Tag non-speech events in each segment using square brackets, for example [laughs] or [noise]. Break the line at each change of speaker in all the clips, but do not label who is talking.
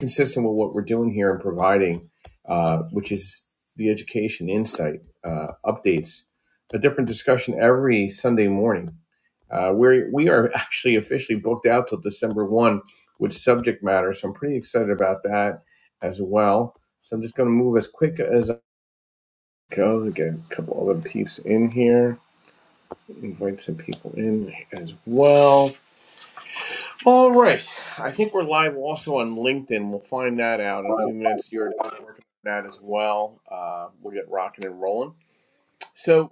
consistent with what we're doing here and providing, uh, which is the education, insight, uh, updates, a different discussion every Sunday morning. Uh, we we are actually officially booked out till December one with subject matter, so I'm pretty excited about that as well. So I'm just going to move as quick as I go to get a couple other peeps in here, invite some people in as well. All right. I think we're live also on LinkedIn. We'll find that out in a few minutes. You're working on that as well. Uh, we'll get rocking and rolling. So,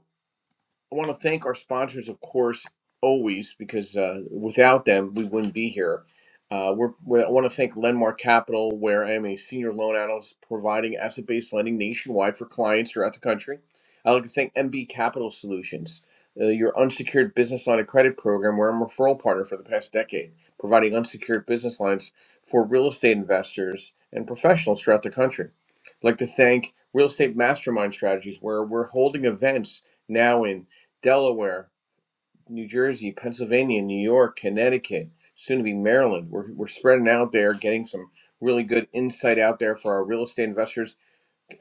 I want to thank our sponsors, of course, always, because uh, without them, we wouldn't be here. Uh, we're, we I want to thank Lendmark Capital, where I am a senior loan analyst providing asset based lending nationwide for clients throughout the country. I'd like to thank MB Capital Solutions, uh, your unsecured business line of credit program, where I'm a referral partner for the past decade, providing unsecured business lines for real estate investors and professionals throughout the country. I'd like to thank Real Estate Mastermind Strategies, where we're holding events now in Delaware, New Jersey, Pennsylvania, New York, Connecticut, soon to be Maryland. We're, we're spreading out there, getting some really good insight out there for our real estate investors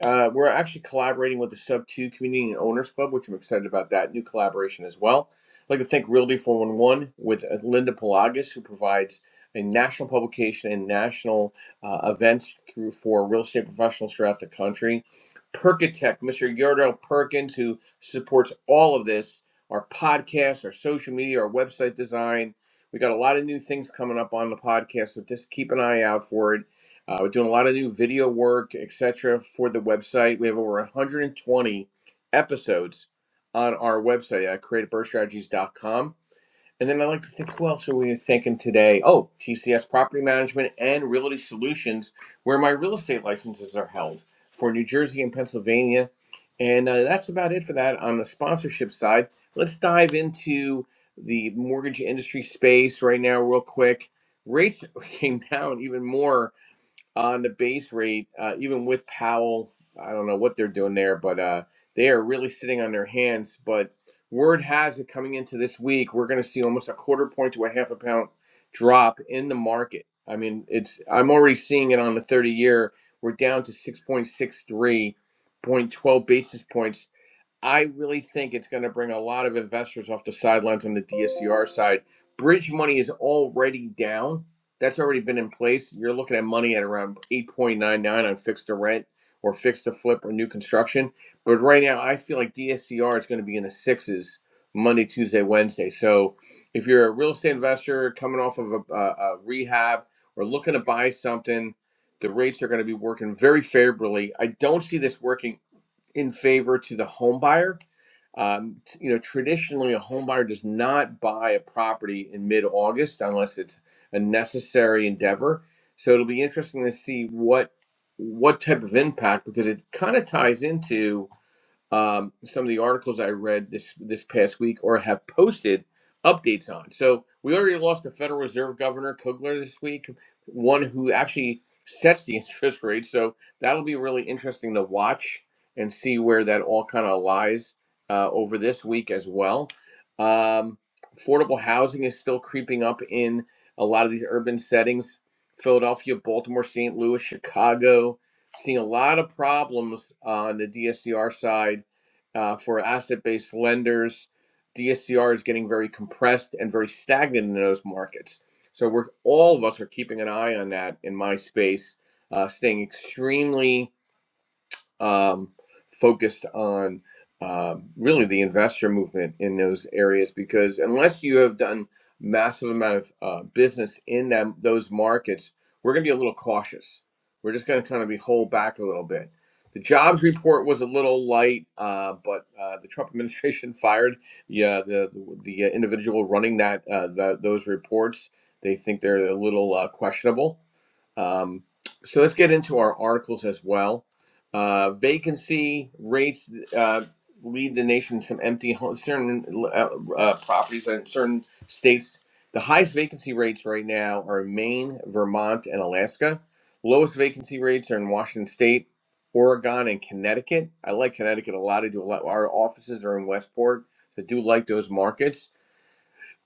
uh, we're actually collaborating with the Sub 2 Community and Owners Club, which I'm excited about that new collaboration as well. I'd like to thank Realty 411 with uh, Linda Pelagas, who provides a national publication and national uh, events through for real estate professionals throughout the country. Perkatech, Mr. Yordell Perkins, who supports all of this, our podcast, our social media, our website design. We got a lot of new things coming up on the podcast, so just keep an eye out for it uh, we're doing a lot of new video work, etc., for the website. We have over 120 episodes on our website at creativebirdstrategies.com. And then I like to think, who else are we thinking today? Oh, TCS Property Management and Realty Solutions, where my real estate licenses are held for New Jersey and Pennsylvania. And uh, that's about it for that on the sponsorship side. Let's dive into the mortgage industry space right now, real quick. Rates [laughs] came down even more on the base rate, uh, even with Powell. I don't know what they're doing there, but uh, they are really sitting on their hands. But word has it coming into this week, we're going to see almost a quarter point to a half a pound drop in the market. I mean, it's I'm already seeing it on the 30 year. We're down to six point six three point twelve basis points I really think it's going to bring a lot of investors off the sidelines on the DSCR side. Bridge money is already down. That's already been in place. You're looking at money at around 8.99 on fixed to rent or fixed to flip or new construction. But right now, I feel like DSCR is going to be in the sixes Monday, Tuesday, Wednesday. So if you're a real estate investor coming off of a, a, a rehab or looking to buy something, the rates are going to be working very favorably. I don't see this working in favor to the home buyer. Um, t- you know, traditionally, a home buyer does not buy a property in mid-August unless it's a necessary endeavor. So it'll be interesting to see what what type of impact because it kind of ties into um, some of the articles I read this this past week or have posted updates on. So we already lost the Federal Reserve Governor Kugler this week, one who actually sets the [laughs] interest rate. So that'll be really interesting to watch and see where that all kind of lies uh, over this week as well. Um, affordable housing is still creeping up in a lot of these urban settings. Philadelphia, Baltimore, St. Louis, Chicago, seeing a lot of problems on the DSCR side uh, for asset based lenders. DSCR is getting very compressed and very stagnant in those markets. So we're all of us are keeping an eye on that in my space, uh, staying extremely um, focused on um, really the investor movement in those areas because unless you have done massive amount of uh, business in them those markets, we're going to be a little cautious. We're just going to kind of be hold back a little bit. The jobs report was a little light, uh, but uh, the Trump [laughs] administration fired yeah, the the the individual running that uh, the, those reports. They think they're a little uh, questionable. Um, so let's get into our articles as well. Uh, vacancy rates uh, lead the nation to some empty homes, certain uh, uh, properties in certain states. The highest vacancy rates right now are in Maine, Vermont, and Alaska. Lowest vacancy rates are in Washington State, Oregon, and Connecticut. I like Connecticut a lot. I do a lot. Our offices are in Westport. So I do like those markets.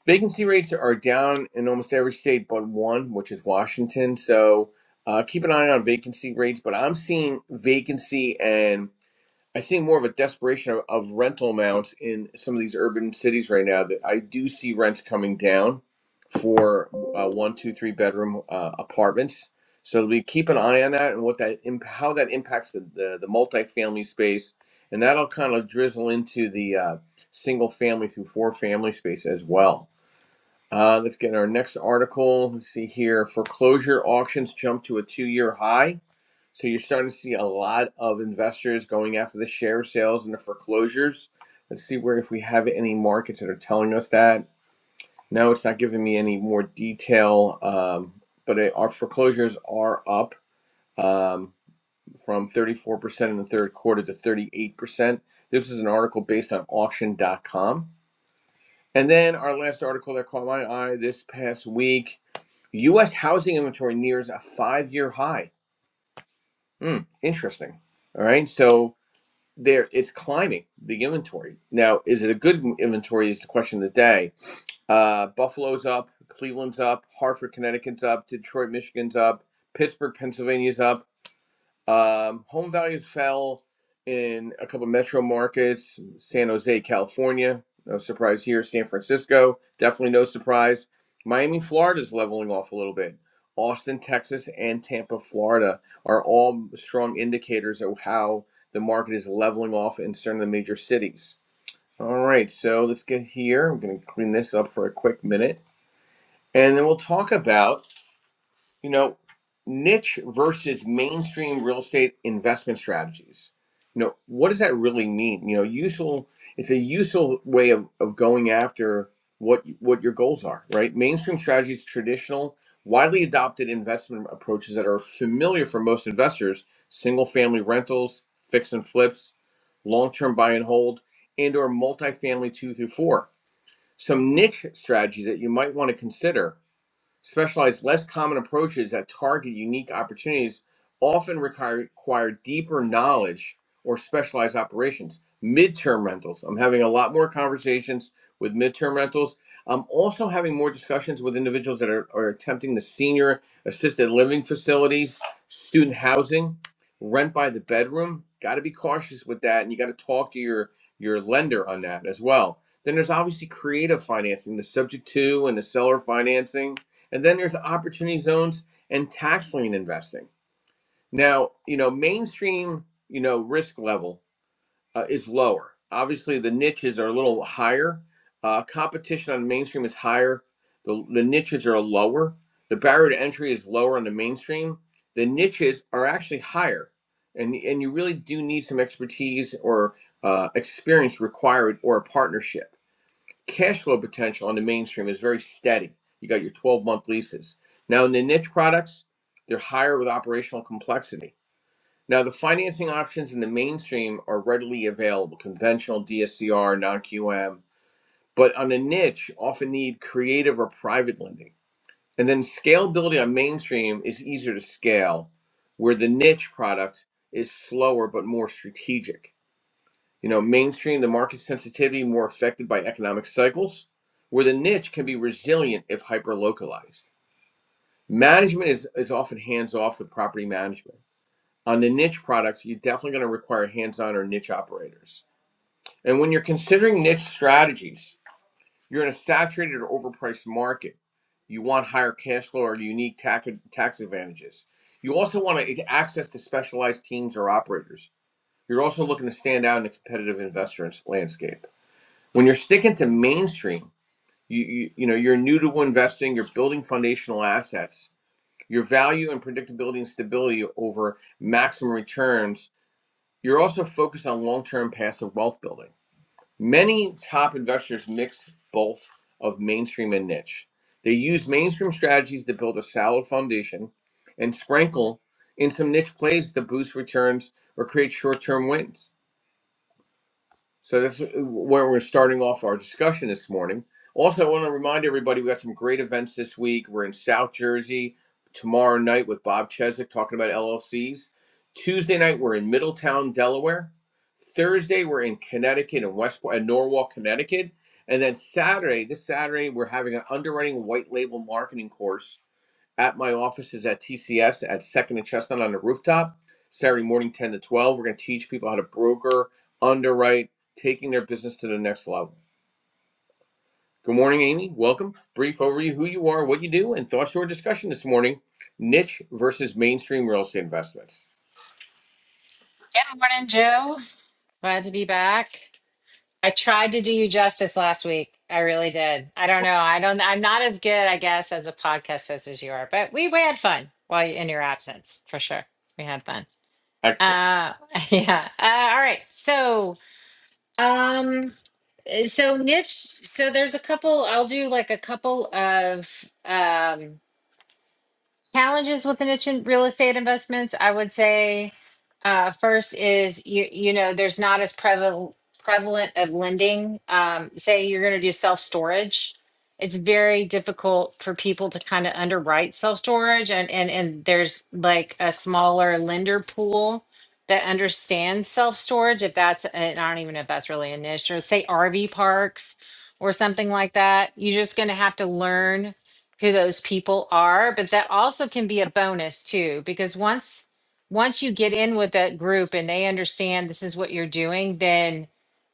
Vacancy rates are down in almost every state but one, which is Washington. So uh, keep an eye on vacancy rates. But I'm seeing vacancy and I see more of a desperation of, of rental amounts in some of these urban cities right now. That I do see rents coming down for uh, one, two, three bedroom uh, apartments. So we keep an eye on that and what that imp- how that impacts the, the the multifamily space, and that'll kind of drizzle into the uh, single family through four family space as well. Uh, let's get our next article. Let's see here. Foreclosure auctions jump to a two year high. So you're starting to see a lot of investors going after the share sales and the foreclosures. Let's see where if we have any markets that are telling us that. No, it's not giving me any more detail, um, but it, our foreclosures are up um, from 34% in the third quarter to 38%. This is an article based on auction.com. And then our last article that caught my eye this past week U.S. housing inventory nears a five-year high. Hmm, interesting. All right, so there it's climbing the inventory now. Is it a good inventory? Is the question of the day. Uh, Buffalo's up, Cleveland's up, Hartford, Connecticut's up, Detroit, Michigan's up, Pittsburgh, Pennsylvania's up. Um, home values fell in a couple of metro markets, San Jose, California. No surprise here. San Francisco, definitely no surprise. Miami, Florida is leveling off a little bit. Austin, Texas, and Tampa, Florida are all strong indicators of how the market is leveling off in certain of the major cities. All right, so let's get here. I'm going to clean this up for a quick minute. And then we'll talk about you know, niche versus mainstream real estate investment strategies. You know, what does that really mean? You know, useful. It's a useful way of, of going after what what your goals are, right? Mainstream strategies, traditional, widely adopted investment approaches that are familiar for most investors: single family rentals, fix and flips, long term buy and hold, and or multifamily two through four. Some niche strategies that you might want to consider Specialized, less common approaches that target unique opportunities often require, require deeper knowledge or specialized operations. Midterm rentals. I'm having a lot more conversations with midterm rentals. I'm also having more discussions with individuals that are, are attempting the senior assisted living facilities, student housing, rent by the bedroom. Got to be cautious with that, and you got to talk to your your lender on that as well. Then there's obviously creative financing, the subject to and the seller financing and then there's opportunity zones and tax lien investing. Now, you know, mainstream, you know, risk level uh, is lower. Obviously, the niches are a little higher. Uh, competition on mainstream is higher. The, the niches are lower. The barrier to entry is lower on the mainstream. The niches are actually higher. And, and you really do need some expertise or uh, experience required or a partnership cash flow potential on the mainstream is very steady. You got your 12 month leases. Now, in the niche products, they're higher with operational complexity. Now, the financing options in the mainstream are readily available conventional, DSCR, non QM, but on the niche, often need creative or private lending. And then scalability on mainstream is easier to scale, where the niche product is slower but more strategic. You know, mainstream, the market sensitivity more affected by economic cycles, where the niche can be resilient if hyper localized. Management is, is often hands off with property management. On the niche products, you're definitely going to require hands on or niche operators. And when you're considering niche strategies, you're in a saturated or overpriced market. You want higher cash flow or unique tax, tax advantages. You also want to access to specialized teams or operators. You're also looking to stand out in a competitive investor landscape. when you're sticking to mainstream you, you you know you're new to investing you're building foundational assets your value and predictability and stability over maximum returns you're also focused on long-term passive wealth building many top investors mix both of mainstream and niche they use mainstream strategies to build a solid foundation and sprinkle in some niche plays to boost returns or create short-term wins So this is where we're starting off our discussion this morning. Also, I want to remind everybody we got some great events this week. We're in South Jersey tomorrow night with Bob Cheswick talking about LLCs. Tuesday night we're in Middletown, Delaware. Thursday we're in Connecticut and Westport and Norwalk, Connecticut. And then Saturday, this Saturday, we're having an underwriting white label marketing course at my office is at TCS at Second and Chestnut on the rooftop. Saturday morning, 10 to 12. We're going to teach people how to broker, underwrite, taking their business to the next level. Good morning, Amy. Welcome. Brief overview who you are, what you do, and thoughts to our discussion this morning niche versus mainstream real estate investments.
Good morning, Joe. Glad to be back. I tried to do you justice last week. I really did. I don't know. I don't. I'm not as good, I guess, as a podcast host as you are. But we we had fun while you, in your absence, for sure. We had fun.
Excellent.
Uh, [laughs] yeah. Uh, all right. So, um, so niche. So there's a couple. I'll do like a couple of um challenges with niche in real estate investments i would say uh, first is you you know there's not as prevalent prevalent of lending um, say you're going to do self storage it's very difficult for people to kind of underwrite self storage and and and there's like a smaller lender pool that understands self storage if that's and i don't even know if that's really a niche or say rv parks or something like that you're just going to have to learn who those people are but that also can be a bonus too because once once you get in with that group and they understand this is what you're doing then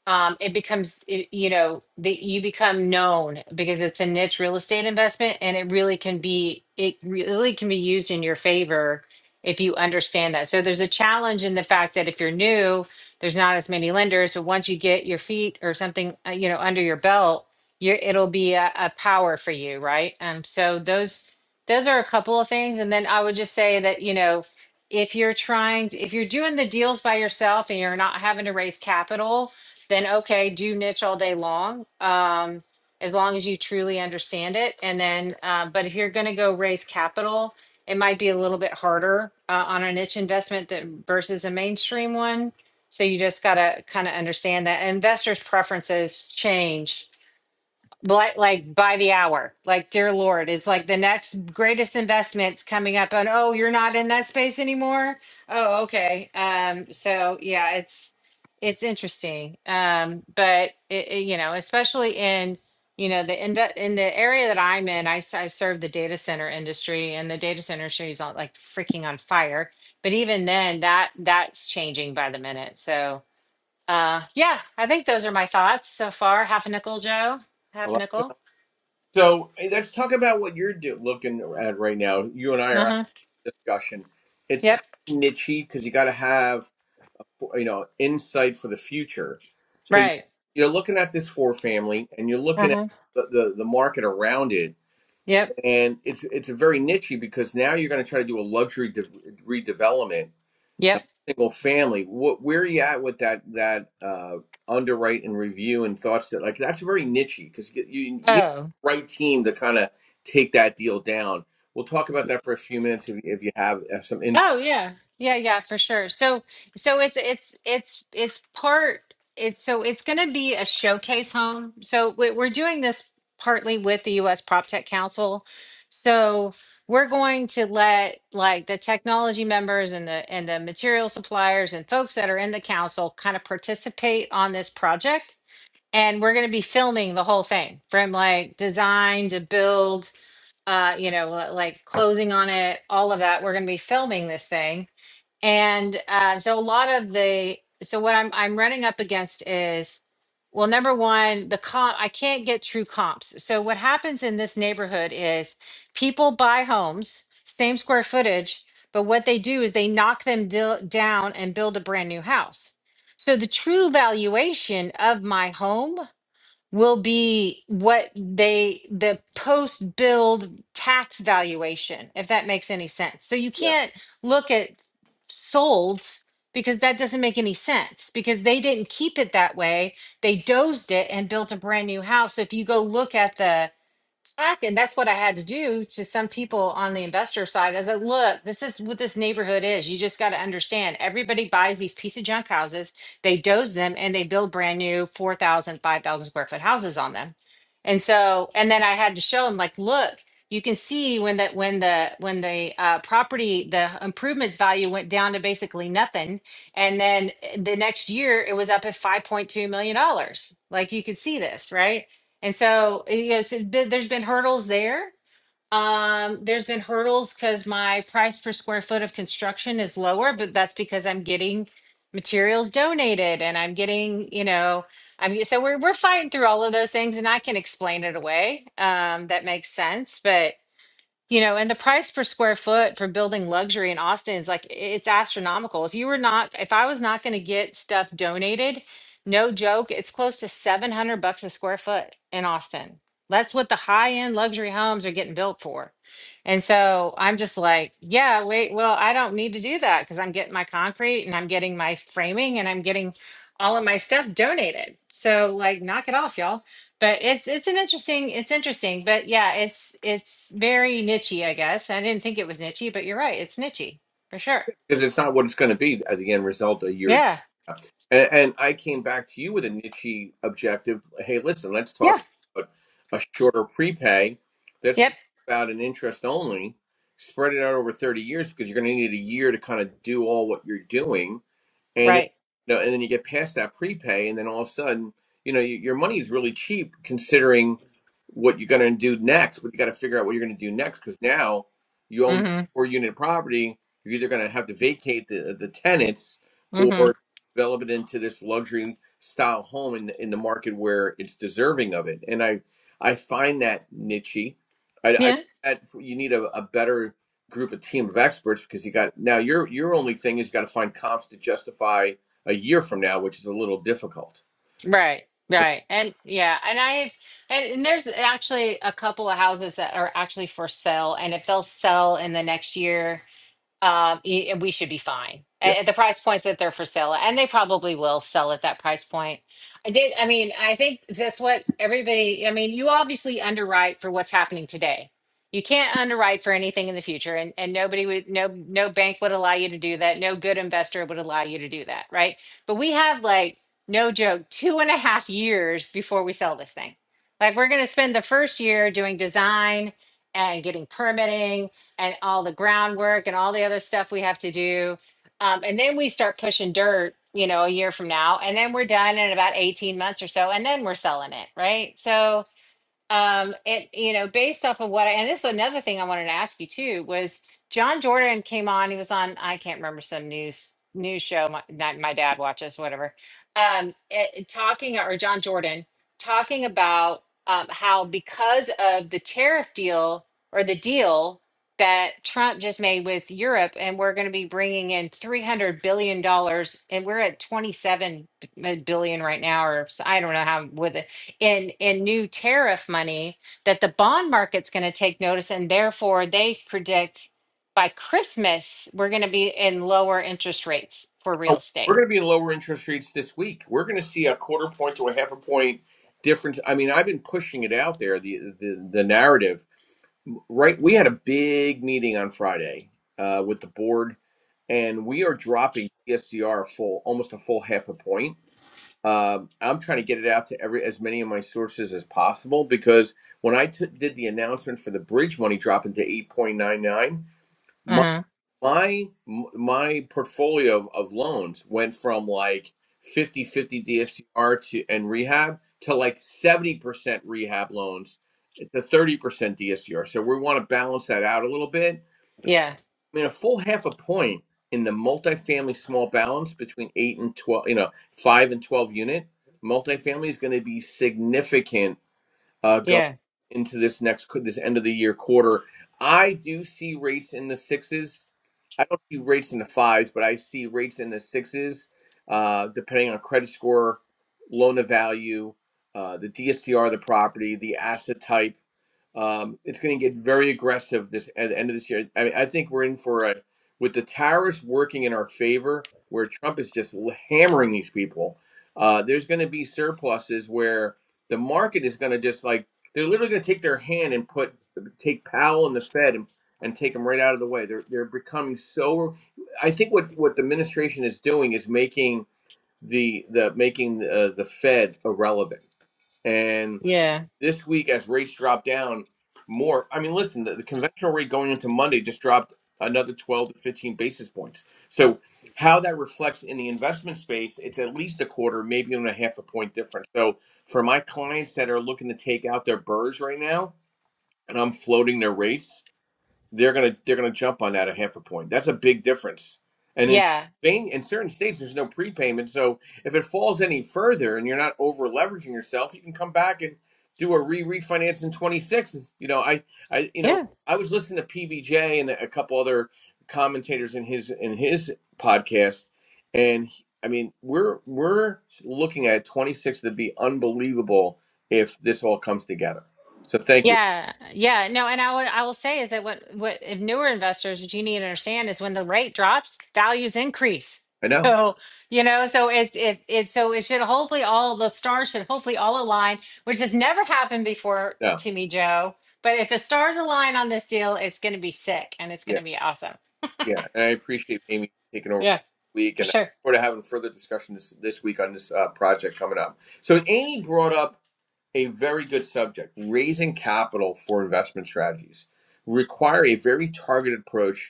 um, it becomes it- you know that you become known because it's a niche real estate investment and it really can be it really can be used in your favor if you understand that so there's a challenge in the fact that if you're new there's not as many lenders but once you get your feet or something uh, you know under your belt you're, it'll be a, a power for you right um, so those those are a couple of things and then i would just say that you know if you're trying to, if you're doing the deals by yourself and you're not having to raise capital then okay, do niche all day long. Um, as long as you truly understand it. And then, uh, but if you're going to go raise capital, it might be a little bit harder uh, on a niche investment than versus a mainstream one. So you just got to kind of understand that investors' preferences change like like by the hour like dear lord is like the next greatest investments coming up and oh you're not in that space anymore oh okay um so yeah it's it's interesting um but it, it, you know especially in you know the inve- in the area that i'm in I, s- I serve the data center industry and the data center industry is on like freaking on fire but even then that that's changing by the minute so uh, yeah, I think those are my thoughts so far. Half a nickel, Joe.
I
Half a
like-
nickel.
So hey, let's talk about what you're do- looking at right now. You and I are
Uh
at
huh.
a discussion. It's kind
Yep.
of nichey because you got to have you know insight for the future so you-
Right.
you're looking at this four family and you're
Uh
looking at
huh.
the, the, the market around it
Yep.
and it's it's a very nichey because now you're going to try to do a luxury de- redevelopment a
Yep.
single family what where are you at with that that uh underwrite and review and thoughts that like that's very nichey because you, you you need
Oh.
the right team to kind of take that deal down we'll talk about that for a few minutes if, if you have, have some insight
Oh yeah. Yeah, yeah, for sure. So so it's it's it's it's part it's so it's going to be a showcase home. So we- we're doing this partly with the US Prop Tech Council. So we're going to let like the technology members and the and the material suppliers and folks that are in the council kind of participate on this project and we're going to be filming the whole thing from like design to build uh, you know, li- like closing on it, all of that. We're going to be filming this thing, and uh, so a lot of the so what I'm I'm running up against is, well, number one, the comp I can't get true comps. So what happens in this neighborhood is people buy homes, same square footage, but what they do is they knock them dil- down and build a brand new house. So the true valuation of my home will be what they the post build tax valuation if that makes any sense so you can't look at sold because that doesn't make any sense because they didn't keep it that way they dozed it and built a brand new house so if you go look at the back and that's what i had to do to some people on the investor side i was like look this is what this neighborhood is you just got to understand everybody buys these piece of junk houses they doze them and they build brand new 4000, 5000 square foot houses on them and so and then i had to show them like look you can see when that when the when the uh, property the improvements value went down to basically nothing and then eh, the next year it was up at 5.2 million dollars like you could see this right and so, you know, so th- there's been hurdles there. Um, there's been hurdles because my price per square foot of construction is lower, but that's because I'm getting materials donated and I'm getting, you know, I mean, so we're we're fighting through all of those things, and I can explain it away. Um, that makes sense, but you know, and the price per square foot for building luxury in Austin is like it's astronomical. If you were not, if I was not going to get stuff donated, no joke, it's close to 700 bucks a square foot in Austin. That's what the high-end luxury homes are getting built for. And so I'm just like, yeah, wait, well, I don't need to do that because I'm getting my concrete and I'm getting my framing and I'm getting all of my stuff donated. So like knock it off, y'all but it's it's an interesting it's interesting but yeah it's it's very nichey i guess i didn't think it was nichey but you're right it's nichey for sure
because it's not what it's going to be at the end result a year.
yeah
And, and I came back to you with a niche objective. Hey, listen, let's talk
yeah
about a shorter prepay. Let's
yep
talk about an interest only. Spread it out over 30 years because you're going to need a year to kind of do all what you're doing and then
right
you know, and then you get past that prepay, and then all of a sudden, you know, your your money is really cheap considering what you're going to do next. But you got to figure out what you're going to do next because now you own
mm-hmm
four unit property. You're either going to have to vacate the the tenants
mm-hmm
or develop it into this luxury style home in in the market where it's deserving of it. And I I find that niche. I, I
yeah
that you need a, a better group a team of experts because you got now your your only thing is you got to find comps to justify a year from now, which is a little difficult.
right
Okay.
right and yeah and i and, and there's actually a couple of houses that are actually for sale and if they'll sell in the next year um, y- and we should be fine
Yeah.
at, at the price points that they're for sale, at, and they probably will sell at that price point. I did. I mean, I think that's what everybody. I mean, you obviously underwrite for what's happening today. You can't underwrite for anything in the future, and and nobody would, no no bank would allow you to do that. No good investor would allow you to do that, right? But we have like no joke, two and a half years before we sell this thing. Like we're going to spend the first year doing design and getting permitting and all the groundwork and all the other stuff we have to do. Um, and then we start pushing dirt, you know, a year from now, and then we're done in about 18 months or so, and then we're selling it, right? So, um and you know based off of what I, and this is another thing i wanted to ask you too was john jordan came on he was on i can't remember some news news show my, not my dad watches whatever um it, it talking or john jordan talking about um, how because of the tariff deal or the deal that trump just made with europe and we're going to be bringing in 300 billion dollars and we're at 27 b- billion right now or so- i don't know how with it in in new tariff money that the bond market's going to take notice and therefore they predict by christmas we're going to be in lower interest rates for real
Oh, we're
estate
going to be in lower interest rates this week. We're going to see a quarter point to a half a point difference. I mean, I've been pushing it out there the the, the narrative. Right, we had a big meeting on Friday uh, with the board, and we are dropping DSCR full almost a full half a point Um, I'm trying to get it out to every as many of my sources as possible because when I t- did the announcement for the bridge money dropping to 8.99, my
uh-huh
my my portfolio of, of loans went from like 50 50 DSCR to and rehab to like 70% rehab loans to 30% DSCR. So we want to balance that out a little bit
yeah
I mean, a full half a point in the multifamily small balance between eight and twelve, you know, five and twelve unit multifamily is going to be significant uh, going
yeah
into this next qu- this end of the year quarter. I do see rates in the sixes. I don't see rates in the fives, but I see rates in the sixes, uh, depending on credit score, loan to value, uh, the DSCR of the property, the asset type um, it's going to get very aggressive this at the end of this year. I mean, I think we're in for a with the tariffs working in our favor, where Trump is just l- hammering these people. Uh, there's going to be surpluses where the market is going to just like they're literally going to take their hand and put take Powell and the Fed and, and take them right out of the way. They're they're becoming so. I think what what the administration is doing is making the the making uh, the Fed irrelevant and.
yeah
This week, as rates drop down more, I mean, listen, the, the conventional rate going into Monday just dropped another 12 to 15 basis points. So, how that reflects in the investment space, it's at least a quarter, maybe even a half a point difference. So, for my clients that are looking to take out their burrs right now, and I'm floating their rates, they're gonna they're gonna jump on that a half a point. That's a big difference. And in
yeah
Spain, in certain states, there's no prepayment. So if it falls any further and you're not over leveraging yourself, you can come back and do a re refinance in 26. You know, I I you
yeah
know I was listening to PBJ and a couple other commentators in his in his podcast, and he- I mean we're we're looking at 26 to be unbelievable if this all comes together. So thank you.
Yeah, yeah. No, and I would I will say is that what what if newer investors, what you need to understand is when the rate drops, values increase.
I know.
So, you know, so it's it it's so it should hopefully all the stars should hopefully all align, which has never happened before
Yeah.
to me, Joe. But if the stars align on this deal, it's gonna be sick and it's gonna be awesome.
Yeah, and I appreciate Amy taking over for
Yeah,
the week,
for
and I
sure.
look forward to having further discussion this, this week on this uh, project coming up. So Amy brought up a very good subject: raising capital for investment strategies require a very targeted approach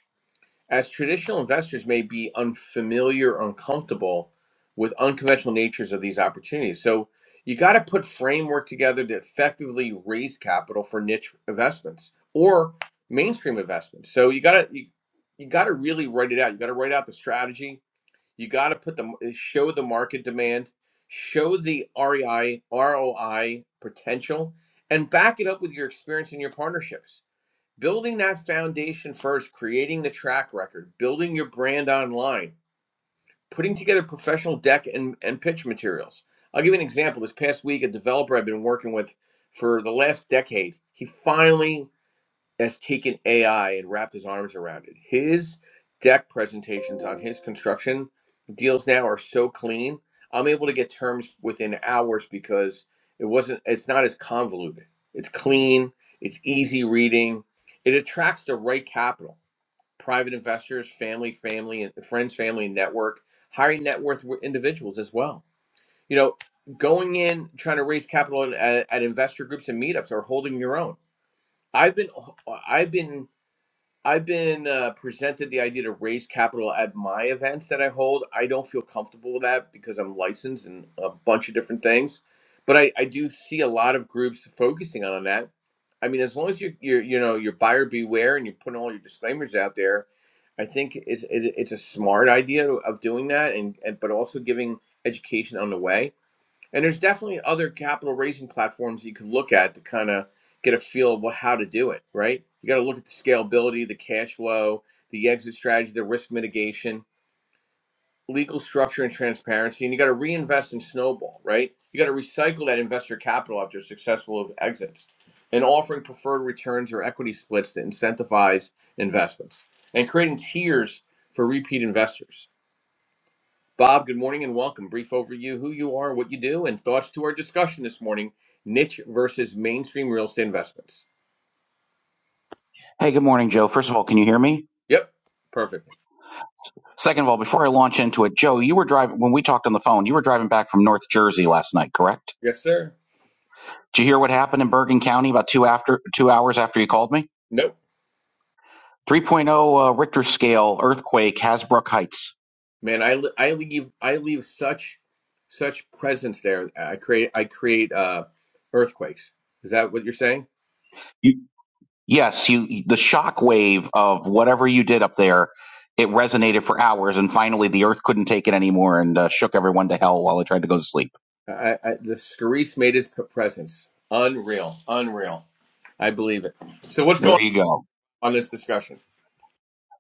as traditional investors may be unfamiliar or uncomfortable with unconventional natures of these opportunities. So you got to put framework together to effectively raise capital for niche investments or mainstream investments. So you got to you, you got to really write it out. You got to write out the strategy. You got to put the show the market demand, show the REI ROI potential and back it up with your experience and your partnerships building that foundation first, creating the track record, building your brand online, putting together professional deck and, and pitch materials. I'll give you an example. This past week, a developer I've been working with for the last decade, he finally has taken AI and wrapped his arms around it. His deck presentations on his construction deals now are so clean. I'm able to get terms within hours because it wasn't it's not as convoluted. It's clean, it's easy reading. It attracts the right capital. Private investors, family, family and friends, family and network, high net worth individuals as well. You know, going in trying to raise capital at, at investor groups and meetups or holding your own. I've been I've been I've been uh, presented the idea to raise capital at my events that I hold. I don't feel comfortable with that because I'm licensed in a bunch of different things, but I, I do see a lot of groups focusing on that. I mean, as long as you're, you're you know your buyer beware and you're putting all your disclaimers out there, I think it's it, it's a smart idea of doing that and, and but also giving education on the way. And there's definitely other capital raising platforms you can look at to kind of get a feel of what, how to do it, right? You got to look at the scalability, the cash flow, the exit strategy, the risk mitigation, legal structure and transparency, and you got to reinvest and snowball, right? You got to recycle that investor capital after successful exits and offering preferred returns or equity splits to incentivize investments and creating tiers for repeat investors Bob, good morning and welcome. Brief overview who you are, what you do, and thoughts to our discussion this morning niche versus mainstream real estate investments.
Hey, good morning, Joe. First of all, can you hear me?
Yep, perfect.
Second of all, before I launch into it, Joe, you were driving when we talked on the phone. You were driving back from North Jersey last night, correct?
Yes, sir.
Did you hear what happened in Bergen County about two after two hours after you called me?
Nope.
3.0 uh, Richter scale earthquake, Hasbrook Heights.
Man, I, li- I leave I leave such such presence there. I create I create uh, earthquakes. Is that what you're saying?
You, yes, you the shock wave of whatever you did up there, it resonated for hours, and finally the earth couldn't take it anymore and uh, shook everyone to hell while they tried to go to sleep.
I, I, the Scarice made his p- presence unreal, unreal. I believe it. So what's going
There you go.
on in this discussion?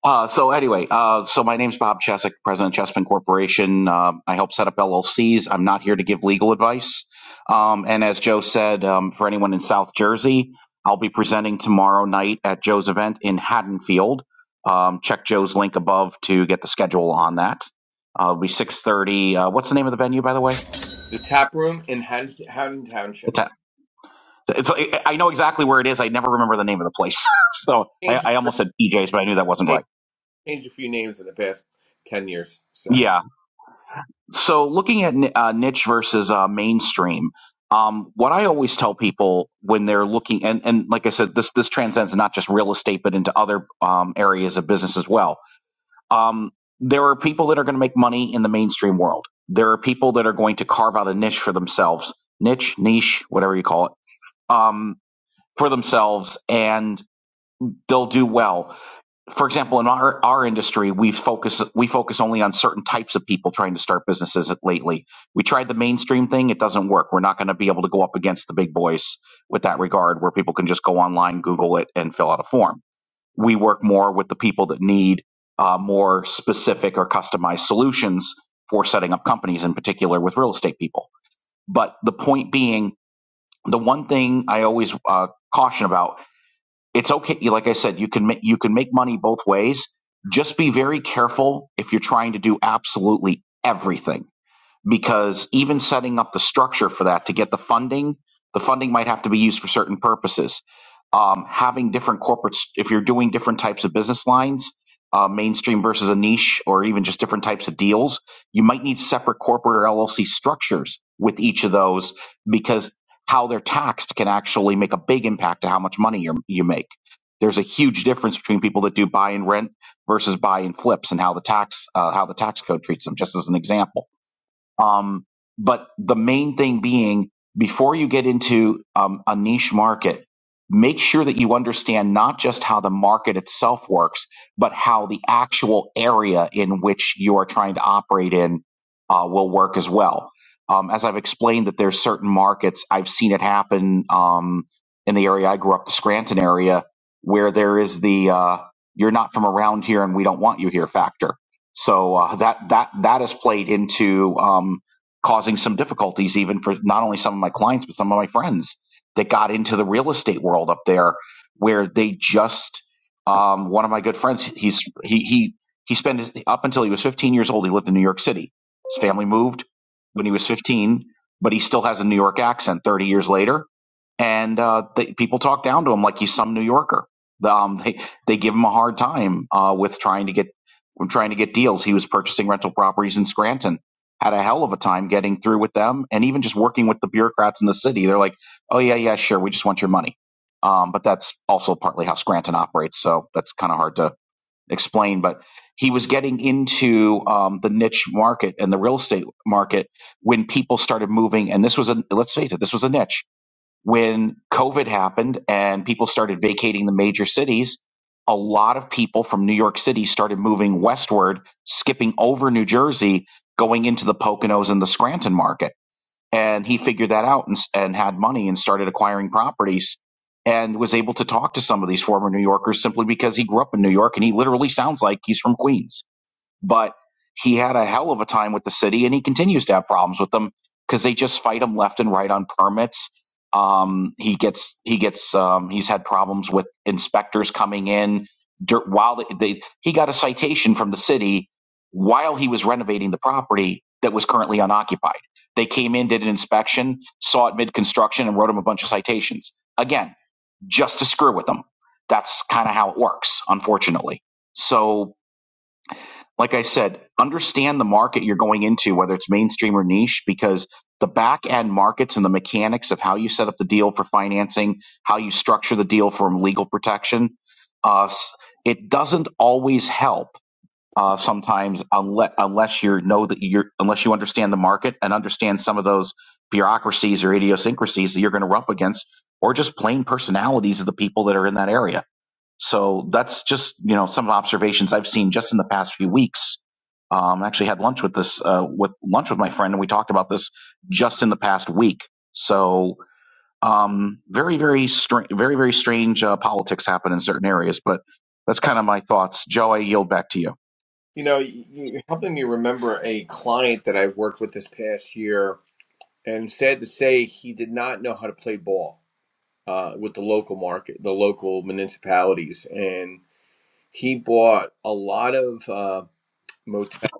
Uh, so anyway, uh, so my name's Bob Chesick, president of Chessman Corporation. Uh, I help set up LLCs. I'm not here to give legal advice. Um, and as Joe said, um, for anyone in South Jersey, I'll be presenting tomorrow night at Joe's event in Haddonfield. Um, check Joe's link above to get the schedule on that. Uh, it'll be 6:30. Uh, what's the name of the venue, by the way?
The tap room in Han- Haddon Township.
It's at, it's, I know exactly where it is. I never remember the name of the place. [laughs] so I,
Change
I almost said PJ's, but I knew that wasn't right.
changed a few names in the past 10 years. So,
Yeah. so looking at uh, niche versus uh, mainstream um, what i always tell people when they're looking and, and like i said this this transcends not just real estate but into other um, areas of business as well um, there are people that are going to make money in the mainstream world there are people that are going to carve out a niche for themselves niche niche whatever you call it um, for themselves and they'll do well for example, in our, our industry, we focus we focus only on certain types of people trying to start businesses lately. We tried the mainstream thing; it doesn't work. We're not going to be able to go up against the big boys with that regard, where people can just go online, Google it, and fill out a form. We work more with the people that need uh, more specific or customized solutions for setting up companies, in particular with real estate people. But the point being, the one thing I always uh, caution about it's okay. you- Like I said, you can make, you can make money both ways. Just be very careful if you're trying to do absolutely everything because even setting up the structure for that to get the funding, the funding might have to be used for certain purposes. Um, having different corporates, if you're doing different types of business lines, uh, mainstream versus a niche, or even just different types of deals, you might need separate corporate or LLC structures with each of those because how they're taxed can actually make a big impact to how much money you you make. There's a huge difference between people that do buy and rent versus buy and flips, and how the tax uh, how the tax code treats them. Just as an example um, but the main thing being, before you get into um, a niche market, make sure that you understand not just how the market itself works, but how the actual area in which you are trying to operate in uh, will work as well. Um, as I've explained, that there's certain markets I've seen it happen um, in the area I grew up, the Scranton area, where there is the uh, "you're not from around here and we don't want you here" factor so uh, that that that has played into um, causing some difficulties, even for not only some of my clients but some of my friends that got into the real estate world up there, where they just um, one of my good friends he's he he he spent his, up until he was 15 years old he lived in New York City. His family moved when he was 15, but he still has a New York accent 30 years later and uh, they, people talk down to him like he's some New Yorker. Um, they they give him a hard time uh, with trying to get when trying to get deals, he was purchasing rental properties in Scranton. Had a hell of a time getting through with them, and even just working with the bureaucrats in the city. They're like, "Oh yeah, yeah, sure, we just want your money." Um, but that's also partly how Scranton operates, so that's kind of hard to explain. But he was getting into um, the niche market and the real estate market when people started moving, and this was a let's face it, this was a niche when COVID happened and people started vacating the major cities, a lot of people from New York City started moving westward, skipping over New Jersey, going into the Poconos and the Scranton market. And he figured that out and, and had money and started acquiring properties and was able to talk to some of these former New Yorkers simply because he grew up in New York and he literally sounds like he's from Queens but he had a hell of a time with the city and he continues to have problems with them because they just fight him left and right on permits um he gets he gets um he's had problems with inspectors coming in dur while they, they he got a citation from the city while he was renovating the property that was currently unoccupied they came in did an inspection saw it mid construction and wrote him a bunch of citations again just to screw with them that's kind of how it works unfortunately so like I said, understand the market you're going into, whether it's mainstream or niche, because the back end markets and the mechanics of how you set up the deal for financing, how you structure the deal for legal protection, uh, s- it doesn't always help. Uh, sometimes, unless, unless you know that you're, unless you understand the market and understand some of those bureaucracies or idiosyncrasies that you're going to run up against, or just plain personalities of the people that are in that area so that's just you know some observations I've seen just in the past few weeks. Um, I actually had lunch with this uh, with lunch with my friend, and we talked about this just in the past week. So um, very very strange, very very strange uh, politics happen in certain areas. But that's kind of my thoughts. Joe, I yield back to you.
you know, you- are helping me remember a client that I worked with this past year, and sad to say, he did not know how to play ball uh, with the local market, the local municipalities. And he bought a lot of uh, motel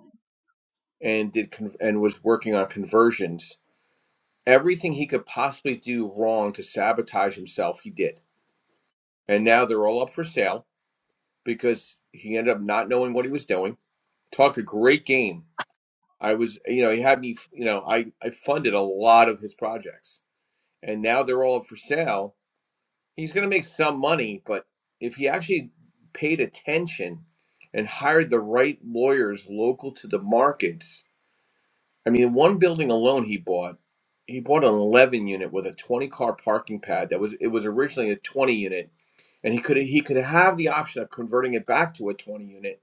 and did con- and was working on conversions. Everything he could possibly do wrong to sabotage himself, he did. And now they're all up for sale because he ended up not knowing what he was doing talked a great game I was, you know, he had me, you know, I, I funded a lot of his projects and now they're all up for sale. He's going to make some money, but if he actually paid attention and hired the right lawyers local to the markets, I mean, one building alone he bought, he bought an 11 unit with a 20 car parking pad that was, it was originally a 20 unit and he could, he could have the option of converting it back to a 20 unit.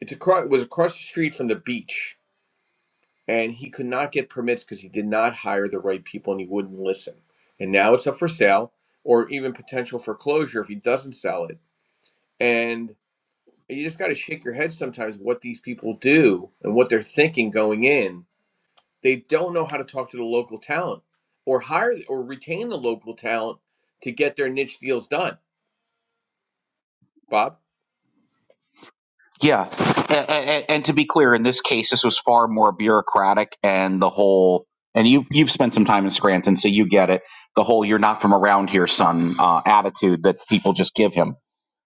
It's across, it was across the street from the beach and he could not get permits because he did not hire the right people and he wouldn't listen. And now it's up for sale or even potential foreclosure if he doesn't sell it. And you just got to shake your head sometimes what these people do and what they're thinking going in. They don't know how to talk to the local talent or hire or retain the local talent to get their niche deals done. Bob?
Yeah, and, and, and to be clear, in this case, this was far more bureaucratic, and the whole and you have you've spent some time in Scranton, so you get it. The whole "you're not from around here, son" uh, attitude that people just give him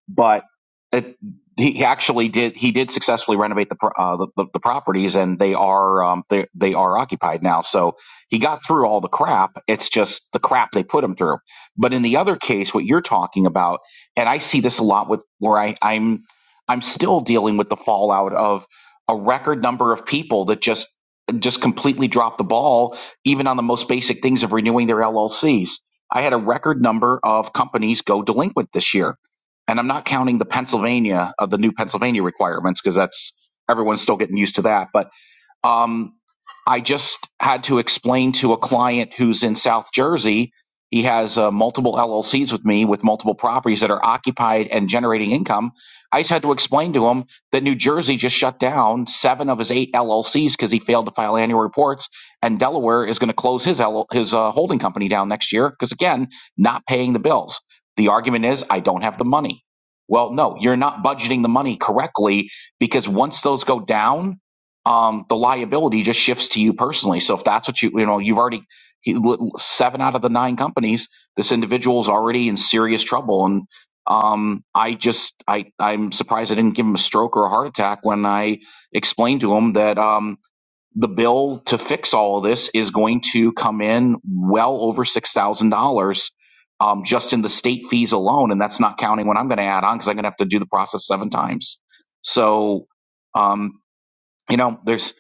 but it, he actually did he did successfully renovate the uh, the, the, the properties and they are um, they they are occupied now. So he got through all the crap. It's just the crap they put him through. But in the other case, what you're talking about, and I see this a lot with where I I'm I'm still dealing with the fallout of a record number of people that just just completely dropped the ball, even on the most basic things of renewing their LLCs. I had a record number of companies go delinquent this year and I'm not counting the Pennsylvania of the new Pennsylvania requirements because that's everyone's still getting used to that. But um, I just had to explain to a client who's in South Jersey. He has uh, multiple LLCs with me with multiple properties that are occupied and generating income. I just had to explain to him that New Jersey just shut down seven of his eight LLCs because he failed to file annual reports, and Delaware is going to close his L- his uh, holding company down next year because again, not paying the bills. The argument is I don't have the money. Well, no, you're not budgeting the money correctly because once those go down, um, the liability just shifts to you personally. So if that's what you, you know, you've already he, seven out of the nine companies, this individual's already in serious trouble. And um, I just, I, I'm surprised I didn't give him a stroke or a heart attack when I explained to him that um, the bill to fix all of this is going to come in well over six thousand dollars. Um, just in the state fees alone, and that's not counting what I'm going to add on because I'm going to have to do the process seven times. So, um, you know there's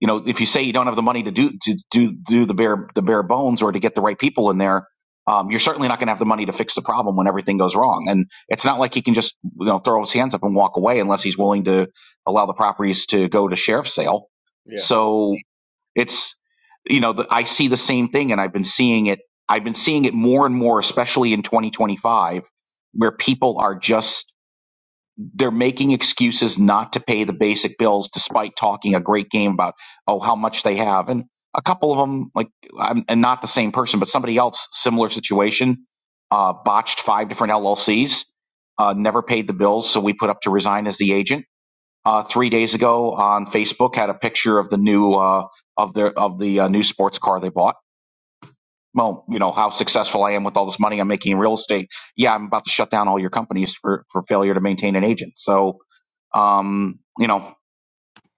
you know if you say you don't have the money to do to do do the bare the bare bones or to get the right people in there um, you're certainly not going to have the money to fix the problem when everything goes wrong and it's not like he can just you know throw his hands up and walk away unless he's willing to allow the properties to go to sheriff's sale
Yeah.
so it's you know the, i see the same thing and i've been seeing it i've been seeing it more and more especially in 2025 where people are just they're making excuses not to pay the basic bills despite talking a great game about oh how much they have and a couple of them like I'm, and not the same person but somebody else similar situation uh, botched five different llcs uh, never paid the bills so we put up to resign as the agent uh, three days ago on facebook had a picture of the new uh, of their of the uh, new sports car they bought well you know how successful i am with all this money i'm making in real estate yeah i'm about to shut down all your companies for for failure to maintain an agent so um, you know,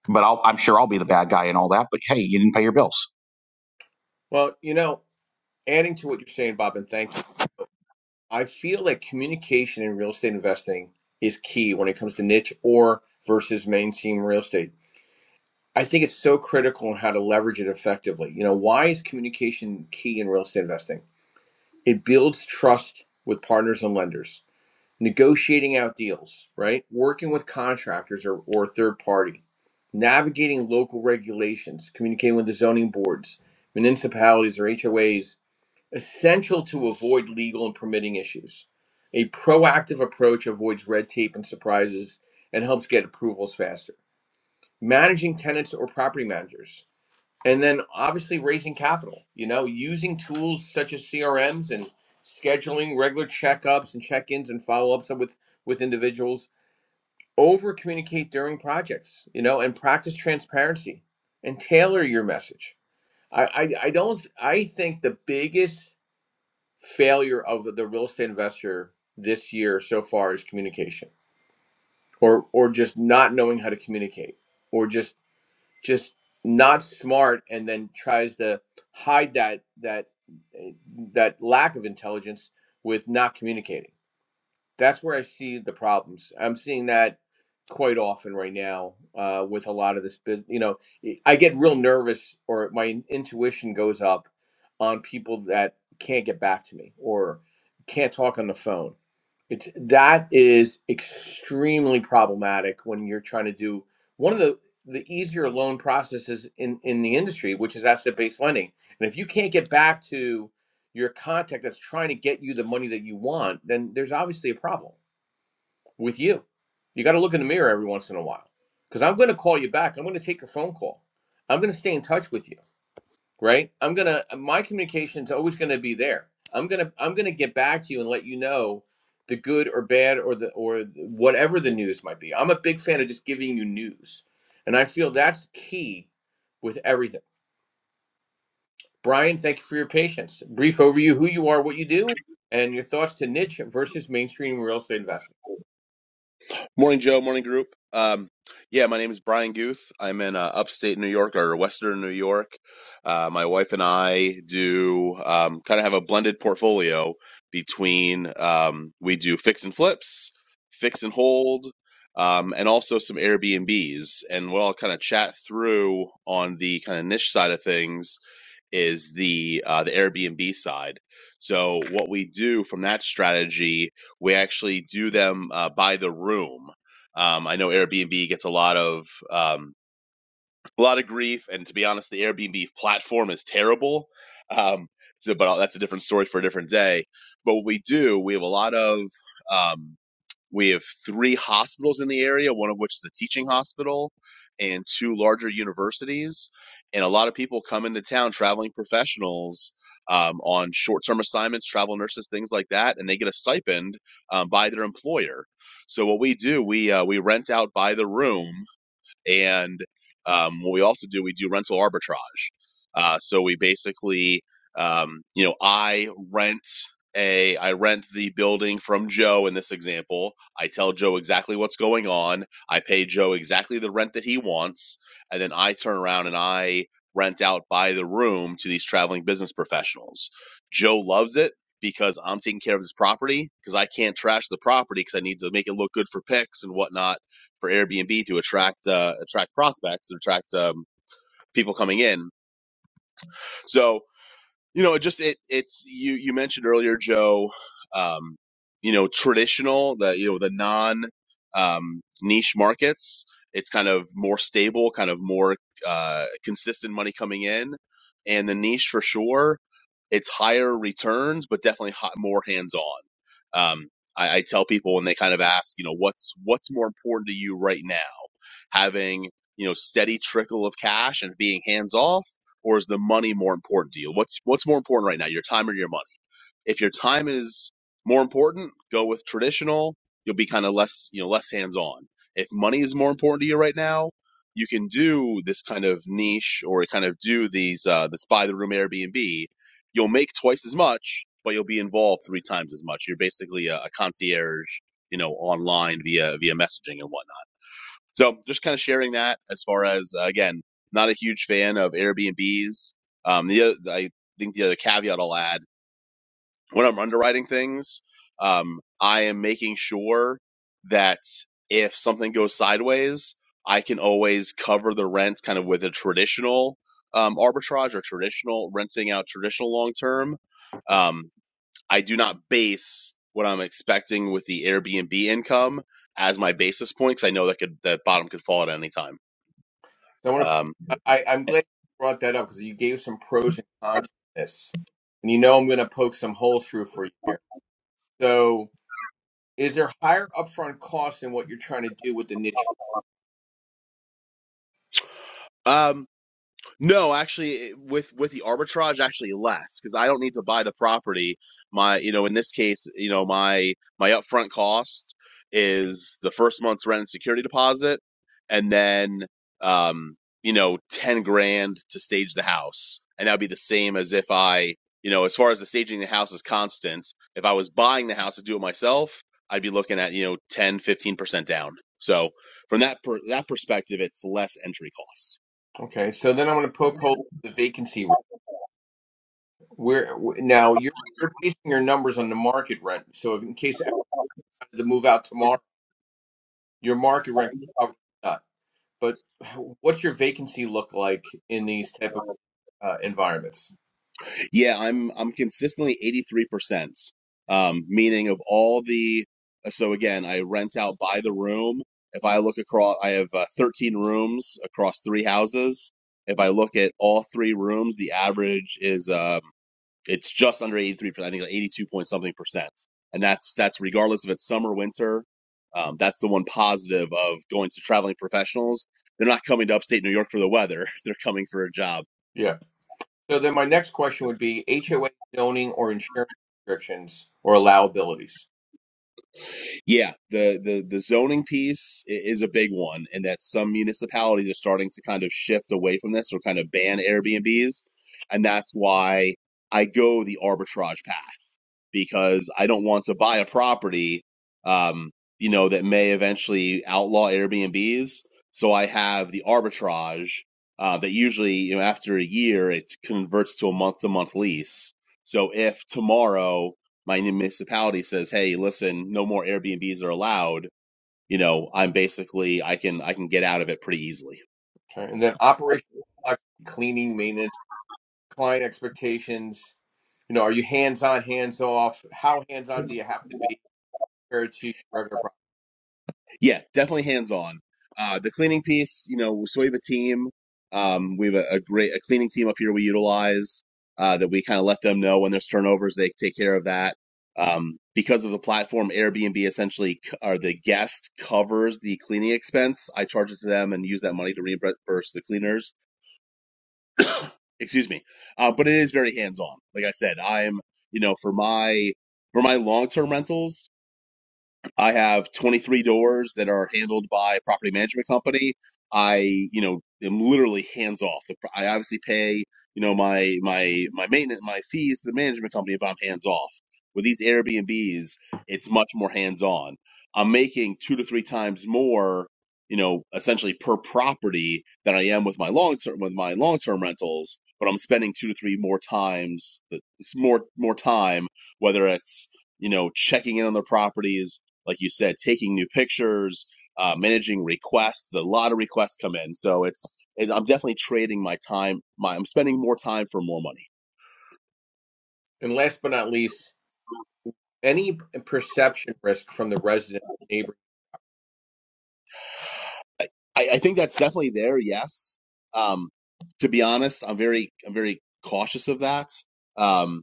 but I'll, I'm sure I'll be the bad guy and all that. But hey, you didn't pay your bills.
Well, you know, adding to what you're saying, Bob, and thank you I feel like communication in real estate investing is key when it comes to niche or versus mainstream real estate. I think it's so critical on how to leverage it effectively. You know, why is communication key in real estate investing? It builds trust with partners and lenders, negotiating out deals, right? Working with contractors or, or third party, navigating local regulations, communicating with the zoning boards, municipalities or HOAs, essential to avoid legal and permitting issues. A proactive approach avoids red tape and surprises and helps get approvals faster. Managing tenants or property managers. And then obviously raising capital, you know, using tools such as CRMs and scheduling regular checkups and check-ins and follow-ups with with individuals. Over communicate during projects, you know, and practice transparency and tailor your message. I, I, I don't I think the biggest failure of the real estate investor this year so far is communication or or just not knowing how to communicate or just just not smart and then tries to hide that that eh, that lack of intelligence with not communicating that's where I see the problems. I'm seeing that quite often right now uh, with a lot of this business. You know, I get real nervous or my intuition goes up on people that can't get back to me or can't talk on the phone. It's that is extremely problematic when you're trying to do one of the the easier loan processes in in the industry, which is asset based lending. And if you can't get back to your contact that's trying to get you the money that you want, then there's obviously a problem with you. You got to look in the mirror every once in a while because I'm going to call you back. I'm going to take your phone call. I'm going to stay in touch with you, right? I'm going to, my communication is always going to be there. I'm going to, I'm going to get back to you and let you know the good or bad or the, or whatever the news might be. I'm a big fan of just giving you news. And I feel that's key with everything Brian, thank you for your patience. Brief overview who you are, what you do, and your thoughts to niche versus mainstream real estate investment.
Morning, Joe. Morning, group. Um, yeah, my name is Brian Guth. I'm in uh, upstate New York or Western New York. Uh, my wife and I do um, kind of have a blended portfolio between um, we do fix and flips, fix and hold, um, and also some Airbnbs. And we'll all kind of chat through on the kind of niche side of things is the uh, the Airbnb side. So what we do from that strategy, we actually do them uh, by the room. Um, I know Airbnb gets a lot of um, a lot of grief, and to be honest, the Airbnb platform is terrible. Um, so, but uh, that's a different story for a different day. But what we do, we have a lot of um, we have three hospitals in the area, one of which is a teaching hospital, and two larger universities. And a lot of people come into town, traveling professionals um, on short term assignments, travel nurses, things like that, and they get a stipend um, by their employer. So, what we do, we, uh, we rent out by the room and um, what we also do, we do rental arbitrage. Uh, so we basically, um, you know, I rent a, I rent the building from Joe in this example. I tell Joe exactly what's going on. I pay Joe exactly the rent that he wants, and then I turn around and I rent out by the room to these traveling business professionals. Joe loves it because I'm taking care of this property because I can't trash the property because I need to make it look good for pics and whatnot for Airbnb to attract uh, attract prospects, attract um, people coming in. So you know, it just it it's you you mentioned earlier, Joe, um, you know, traditional, the you know, the non um niche markets, it's kind of more stable, kind of more uh consistent money coming in. And the niche for sure, it's higher returns, but definitely hot, more hands-on. Um, I, I tell people when they kind of ask, you know, what's what's more important to you right now, having you know steady trickle of cash and being hands-off or is the money more important to you? What's what's more important right now, your time or your money? If your time is more important, go with traditional. You'll be kind of less, you know, less hands-on. If money is more important to you right now, you can do this kind of niche or kind of do these uh, this buy the room Airbnb. You'll make twice as much, but you'll be involved three times as much. You're basically a, a concierge, you know, online via via messaging and whatnot. So just kind of sharing that as far as uh, again, not a huge fan of Airbnbs. Um, the oth- I think the other caveat I'll add when I'm underwriting things, um, I am making sure that if something goes sideways, I can always cover the rent kind of with a traditional um, arbitrage or traditional renting out traditional long term. Um, I do not base what I'm expecting with the Airbnb income as my basis point because I know that could that bottom could fall at any time.
So I want
Um,
to, I, I'm glad you brought that up because you gave some pros and cons to this. And you know I'm going to poke some holes through for you here. So is there higher upfront costs in what you're trying to do with the niche?
um, no, actually, with with the arbitrage, actually less because I don't need to buy the property. My, you know, in this case, you know, my my upfront cost is the first month's rent and security deposit, and then um, you know, ten grand to stage the house, and that'd be the same as if I, you know, as far as the staging the house is constant. If I was buying the house to do it myself, I'd be looking at you know 10 15 percent down. So from that per- that perspective, it's less entry cost.
Okay, so then I'm going to poke holes in the vacancy rate. Where wh- now you're you're basing your numbers on the market rent. So if, in case everybody had to move out tomorrow, your market rent covers that. but [sighs] what's your vacancy look like in these type of uh, environments?
Yeah, I'm I'm consistently 83%. Um, meaning of all the uh, so again, I rent out by the room. If I look across, I have uh, 13 rooms across three houses. If I look at all three rooms, the average is um, it's just under 83%. I think like 82 point something percent. And that's that's regardless if it's summer, winter. Um, that's the one positive of going to traveling professionals. They're not coming to upstate New York for the weather. [laughs] They're coming for a job.
Yeah. So then my next question would be HOA zoning or insurance restrictions or allowabilities.
Yeah, the the the zoning piece is a big one, and that some municipalities are starting to kind of shift away from this or kind of ban Airbnbs, and that's why I go the arbitrage path because I don't want to buy a property, um, you know, that may eventually outlaw Airbnbs. So I have the arbitrage uh, that usually, you know, after a year, it converts to a month-to-month lease. So if tomorrow my municipality says, "Hey, listen, no more Airbnbs are allowed." You know, I'm basically I can I can get out of it pretty easily.
Okay. And then operational complexity, cleaning, maintenance, client expectations. You know, are you hands on, hands off? How hands on do you have to be compared to regular property?
Yeah, definitely hands on. Uh, the cleaning piece, you know, so we have a team. Um, we have a, a great a cleaning team up here we utilize uh, that we kind of let them know when there's turnovers, they take care of that. Um, because of the platform, Airbnb essentially c- or the guest covers the cleaning expense. I charge it to them and use that money to reimburse the cleaners [coughs] excuse me uh, but it is very hands on like i said i'm you know for my for my long term rentals I have 23 doors that are handled by a property management company. I, you know, am literally hands off. I obviously pay, you know, my my my maintenance, my fees to the management company if I'm hands off. With these Airbnbs, it's much more hands on. I'm making two to three times more, you know, essentially per property than I am with my long term with my long term rentals, but I'm spending two to three more times, it's more more time, whether it's you know, checking in on their properties, like you said, taking new pictures, uh, managing requests. A lot of requests come in, so it's it, I'm definitely trading my time. My I'm spending more time for more money.
And last but not least, any perception risk from the resident neighbor.
I, I think that's definitely there. Yes. Um, to be honest, I'm very I'm very cautious of that. Um,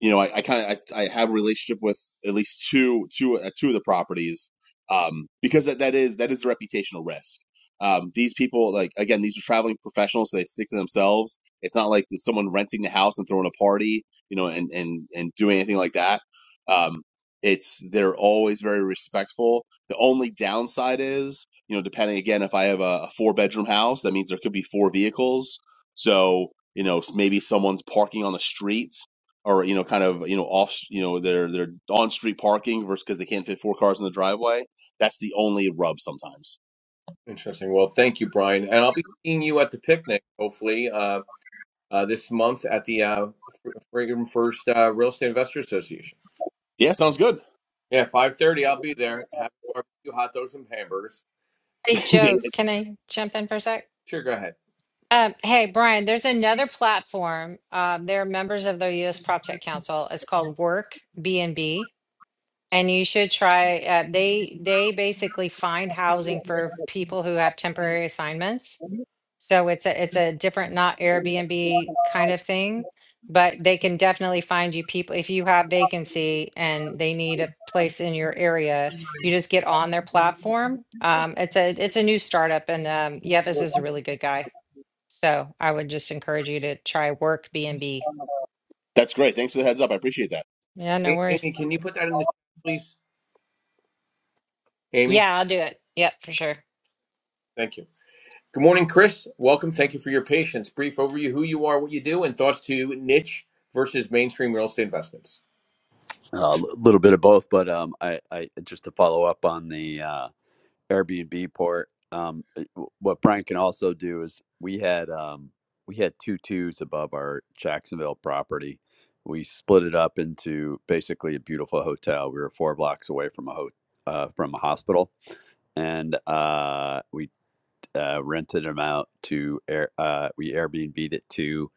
you know, I, I kind of I, I have a relationship with at least two two uh, two of the properties um, because that, that is that is a reputational risk. Um, these people, like again, these are traveling professionals, so they stick to themselves. It's not like it's someone renting the house and throwing a party, you know, and and and doing anything like that. Um, it's they're always very respectful. The only downside is, you know, depending again, if I have a, a four bedroom house, that means there could be four vehicles. So you know, maybe someone's parking on the street or you know, kind of you know off you know they're they're on street parking versus because they can't fit four cars in the driveway. That's the only rub sometimes.
Interesting. Well, thank you, Brian. And I'll be seeing you at the picnic, hopefully. Uh, uh, this month at the uh, Fr- Freedom First uh, Real Estate Investor Association.
Yeah, sounds good.
Yeah, five thirty. I'll be there. Have barbecue, hot dogs, and hamburgers.
Hey
So,
[laughs]
Joe, can I jump in for a sec?
sure, go ahead.
Um, hey Brian, there's another platform. Um, they're members of the U.S. PropTech Council. It's called Work BNB And you should try, uh, they, they basically find housing for people who have temporary assignments. So it's a, it's a different, not Airbnb kind of thing. But they can definitely find you people, if you have vacancy and they need a place in your area, you just get on their platform. Um, it's a, it's a new startup and, um, Yevis is a really good guy. So I would just encourage you to try Work B and B.
That's great. Thanks for the heads up. I appreciate that.
Yeah, no
A-
worries.
Amy, can you put that in the chat, please? Amy,
Yeah, I'll do it. Yep, for sure.
thank you. Good morning, Chris. Welcome. Thank you for your patience. Brief overview: who you are, what you do, and thoughts to niche versus mainstream real estate investments.
a little bit of both, but um, I, I just to follow up on the uh, Airbnb port. Um, it- what Brian can also do is we had um, we had two twos above our Jacksonville property. We split it up into basically a beautiful hotel. We were four blocks away from a ho- uh, from a hospital, and uh, we uh, rented them out to air, uh, we Airbnb'd it to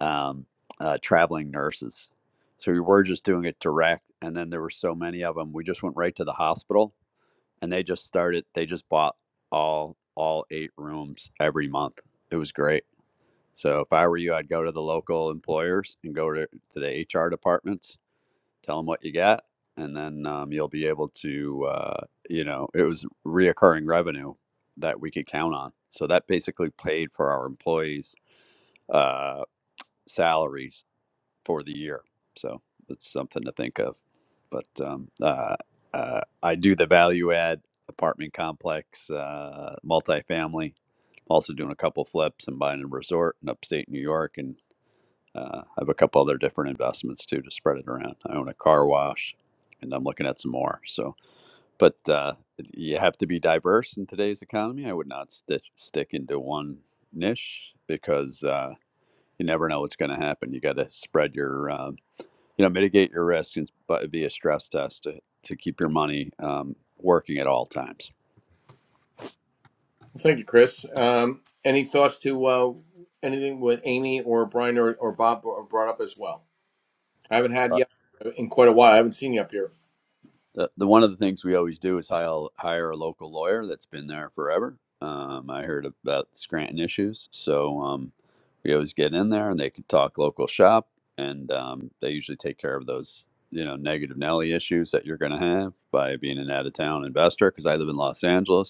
um, uh, traveling nurses. So we were just doing it direct, and then there were so many of them, we just went right to the hospital, and they just started. They just bought all all eight rooms every month. It was great. So if I were you, I'd go to the local employers and go to, to the HR departments tell them what you get and then um, you'll be able to uh, you know it was reoccurring revenue that we could count on so that basically paid for our employees uh, salaries for the year so it's something to think of but um, uh, uh, i do the value add apartment complex uh, multifamily I'm also doing a couple flips and buying a resort in upstate new york and uh, I have a couple other different investments too to spread it around. I own a car wash, and I'm looking at some more. So, but uh, you have to be diverse in today's economy. I would not stitch, stick into one niche because uh, you never know what's going to happen. You got to spread your um, you know mitigate your risk and but via stress test to, to keep your money um, working at all times
Well, Thank you, Chris. Um, any thoughts to uh, anything with Amy or Brian or, or Bob brought up as well? I haven't had yet in quite a while. I haven't seen you up here.
The, the one of the things we always do is hire hire a local lawyer that's been there forever. Um, I heard about Scranton issues, so um, we always get in there and they can talk local shop, and um, they usually take care of those you know negative Nelly issues that you're going to have by being an out of town investor. Because I live in Los Angeles,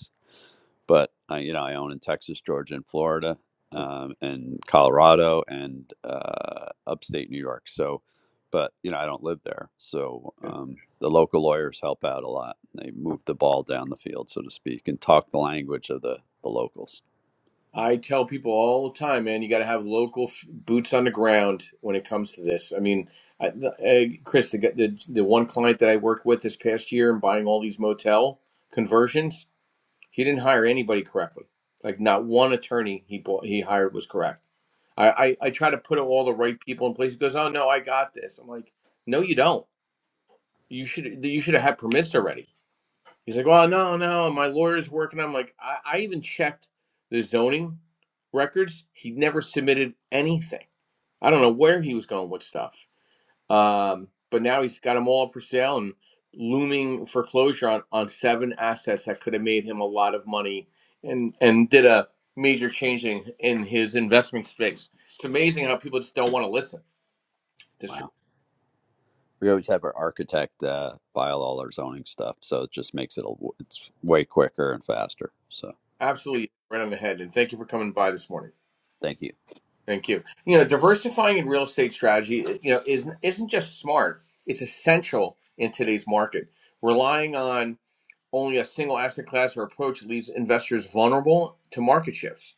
but I, you know, I own in Texas, Georgia, and Florida,
Hmm,
um, and Colorado, and uh, upstate New York. So, but you know, I don't live there. So
yeah.
um, the local lawyers help out a lot. They move the ball down the field, so to speak, and talk the language of the the locals.
I tell people all the time, man, you got to have local f- boots on the ground when it comes to this. I mean, I, the- uh, Chris, the, g- the the one client that I worked with this past year and buying all these motel conversions, he didn't hire anybody correctly. Like not one attorney he bought he hired was correct. I I, I try to put all the right people in place. He goes, "Oh no, I got this." I'm like, "No, you don't. You should you should have had permits already." He's like, well, no, no, my lawyer's working. I'm like, I, I even checked the zoning records. He never submitted anything. I don't know where he was going with stuff. Um, but now he's got them all up for sale and looming foreclosure on, on seven assets that could have made him a lot of money and, and did a major change in, in his investment space. It's amazing how people just don't want to listen. Just
Wow. We always have our architect uh, file all our zoning stuff, so it just makes it a, it's way quicker and faster. So,
absolutely right on the head. And thank you for coming by this morning.
thank you.
Thank you. You know, diversifying in real estate strategy, eh, you know, isn't isn't just smart. It's essential in today's market. Relying on only a single asset class or approach leaves investors vulnerable to market shifts,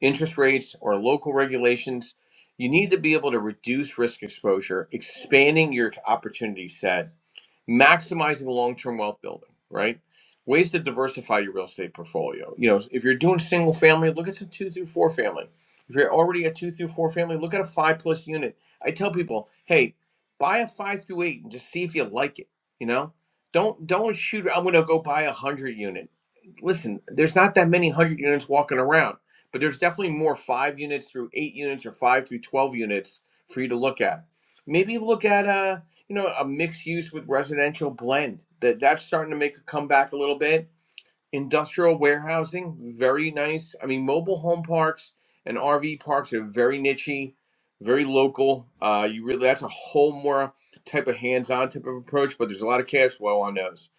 interest rates, or local regulations. You need to be able to reduce risk exposure, expanding your opportunity set maximizing long-term wealth building, right? Ways to diversify your real estate portfolio. You know, if you're doing single family, look at some two through four family. If you're already a two through four family, look at a five plus unit. I tell people, hey, buy a five through eight and just see if you like it. You know, don't don't shoot. I'm going to go buy a hundred unit. Listen, there's not that many hundred units walking around, but there's definitely more five units through eight units or five through twelve units for you to look at. Maybe look at uh you know, a mixed use with residential blend. That that's starting to make a comeback a little bit. Industrial warehousing, very nice. I mean, mobile home parks and RV parks are very nichey, very local. Uh, you really that's a whole more type of hands-on type of approach, but there's a lot of cash flow on those.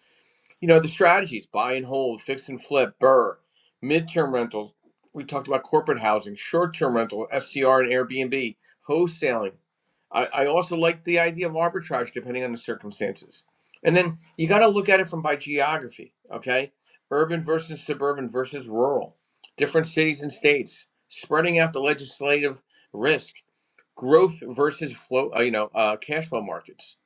You know, the strategies: buy and hold, fix and flip, burr, midterm rentals. We talked about corporate housing, short-term rental, SCR and Airbnb, wholesaling I, I also like the idea of arbitrage depending on the circumstances. And then you got to look at it from by geography, okay? Urban versus suburban versus rural, different cities and states, spreading out the legislative risk, growth versus flow, uh, you know, uh, cash flow markets.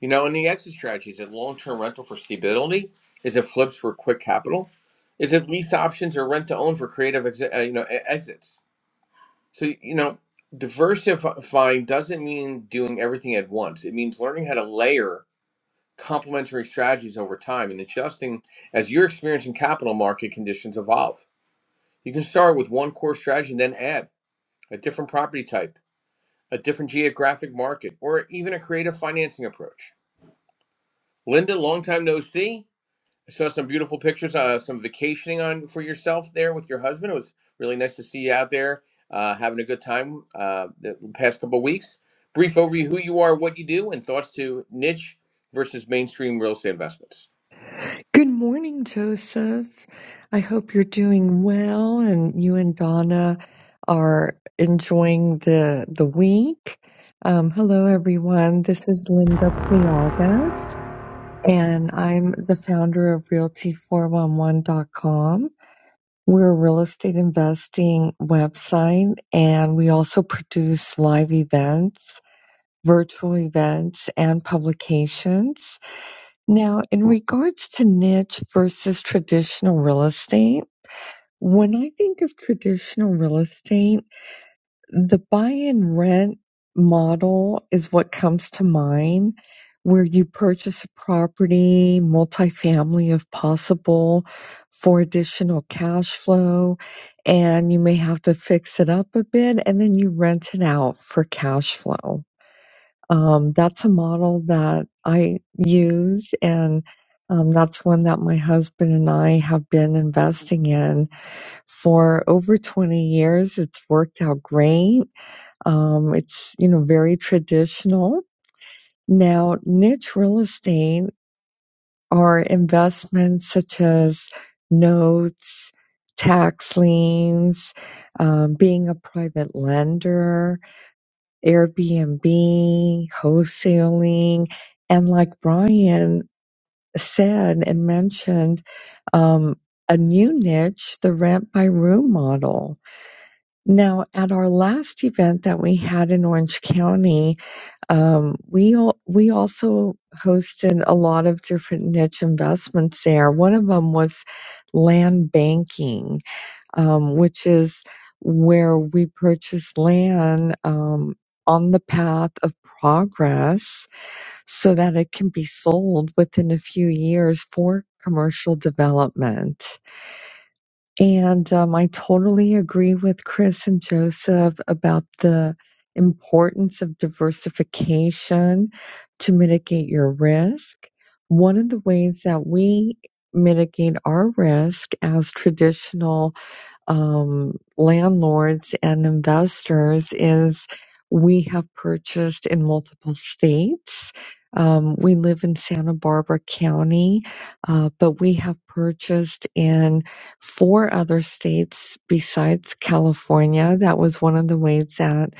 You know, and the exit strategy is it long term rental for stability? Is it flips for quick capital? Is it lease options or rent to own for creative exi- uh, you know e- exits? So, you know, diversifying doesn't mean doing everything at once. It means learning how to layer complementary strategies over time and adjusting as your experience in capital market conditions evolve. You can start with one core strategy and then add a different property type, a different geographic market, or even a creative financing approach. Linda, long time no see. saw some beautiful pictures, uh, some vacationing on for yourself there with your husband. It was really nice to see you out there uh, having a good time uh, the past couple of weeks. Brief overview who you are, what you do, and thoughts to niche versus mainstream real estate investments.
Good morning, Joseph. I hope you're doing well and you and Donna are enjoying the the week. Um, hello, everyone. This is Linda Pliagas, and I'm the founder of Realty411.com. We're a real estate investing website, and we also produce live events, virtual events, and publications. Now, in regards to niche versus traditional real estate, when I think of traditional real estate, the buy and rent model is what comes to mind, where you purchase a property, multifamily if possible, for additional cash flow, and you may have to fix it up a bit, and then you rent it out for cash flow. Um, that's a model that I use, and um, that's one that my husband and I have been investing in for over 20 years. It's worked out great. Um, it's you know very traditional. Now, niche real estate are investments such as notes, tax liens, um, being a private lender Airbnb, wholesaling. And like Brian said and mentioned, um, a new niche, the rent by room model. Now, at our last event that we had in Orange County, um, we al- we also hosted a lot of different niche investments there. One of them was land banking um, which is where we purchase land um, on the path of progress so that it can be sold within a few years for commercial development. And um, I totally agree with Chris and Joseph about the importance of diversification to mitigate your risk. One of the ways that we mitigate our risk as traditional um, landlords and investors is we have purchased in multiple states. Um, we live in Santa Barbara County, uh, but we have purchased in four other states besides California. That was one of the ways that,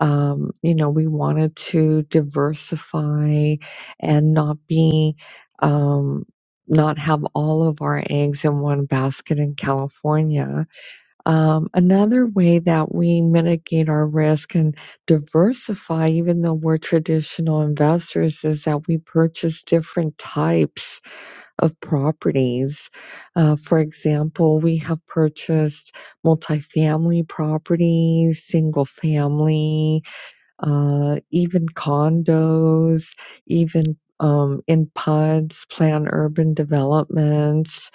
um, you know, we wanted to diversify and not be, um, not have all of our eggs in one basket in California um, another way that we mitigate our risk and diversify, even though we're traditional investors, is that we purchase different types of properties. Uh, for example, we have purchased multifamily properties, single family, uh, even condos, even um, in pods, plan urban developments.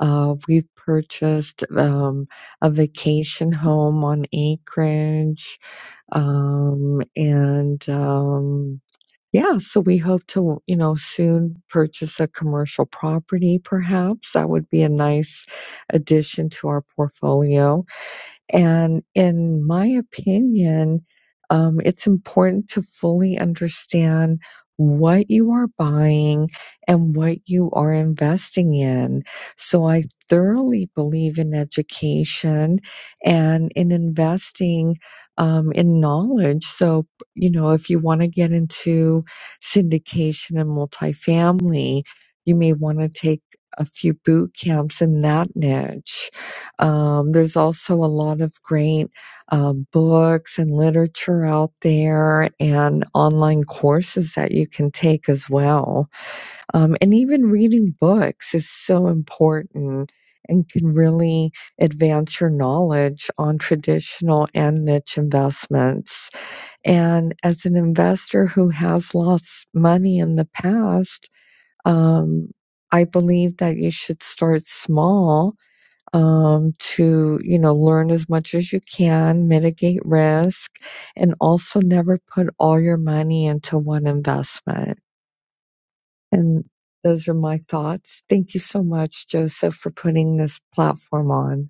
Uh, we've purchased um, a vacation home on acreage. Um, and um, yeah, so we hope to, you know, soon purchase a commercial property, perhaps. That would be a nice addition to our portfolio and in my opinion, um, it's important to fully understand what you are buying and what you are investing in. So I thoroughly believe in education and in investing um, in knowledge. So, you know, if you want to get into syndication and multifamily, you may want to take a few boot camps in that niche um, there's also a lot of great uh, books and literature out there, and online courses that you can take as well. Um, and even reading books is so important and can really advance your knowledge on traditional and niche investments. And as an investor who has lost money in the past, um, I believe that you should start small um, to you know learn as much as you can mitigate risk and also never put all your money into one investment and those are my thoughts thank you so much joseph for putting this platform on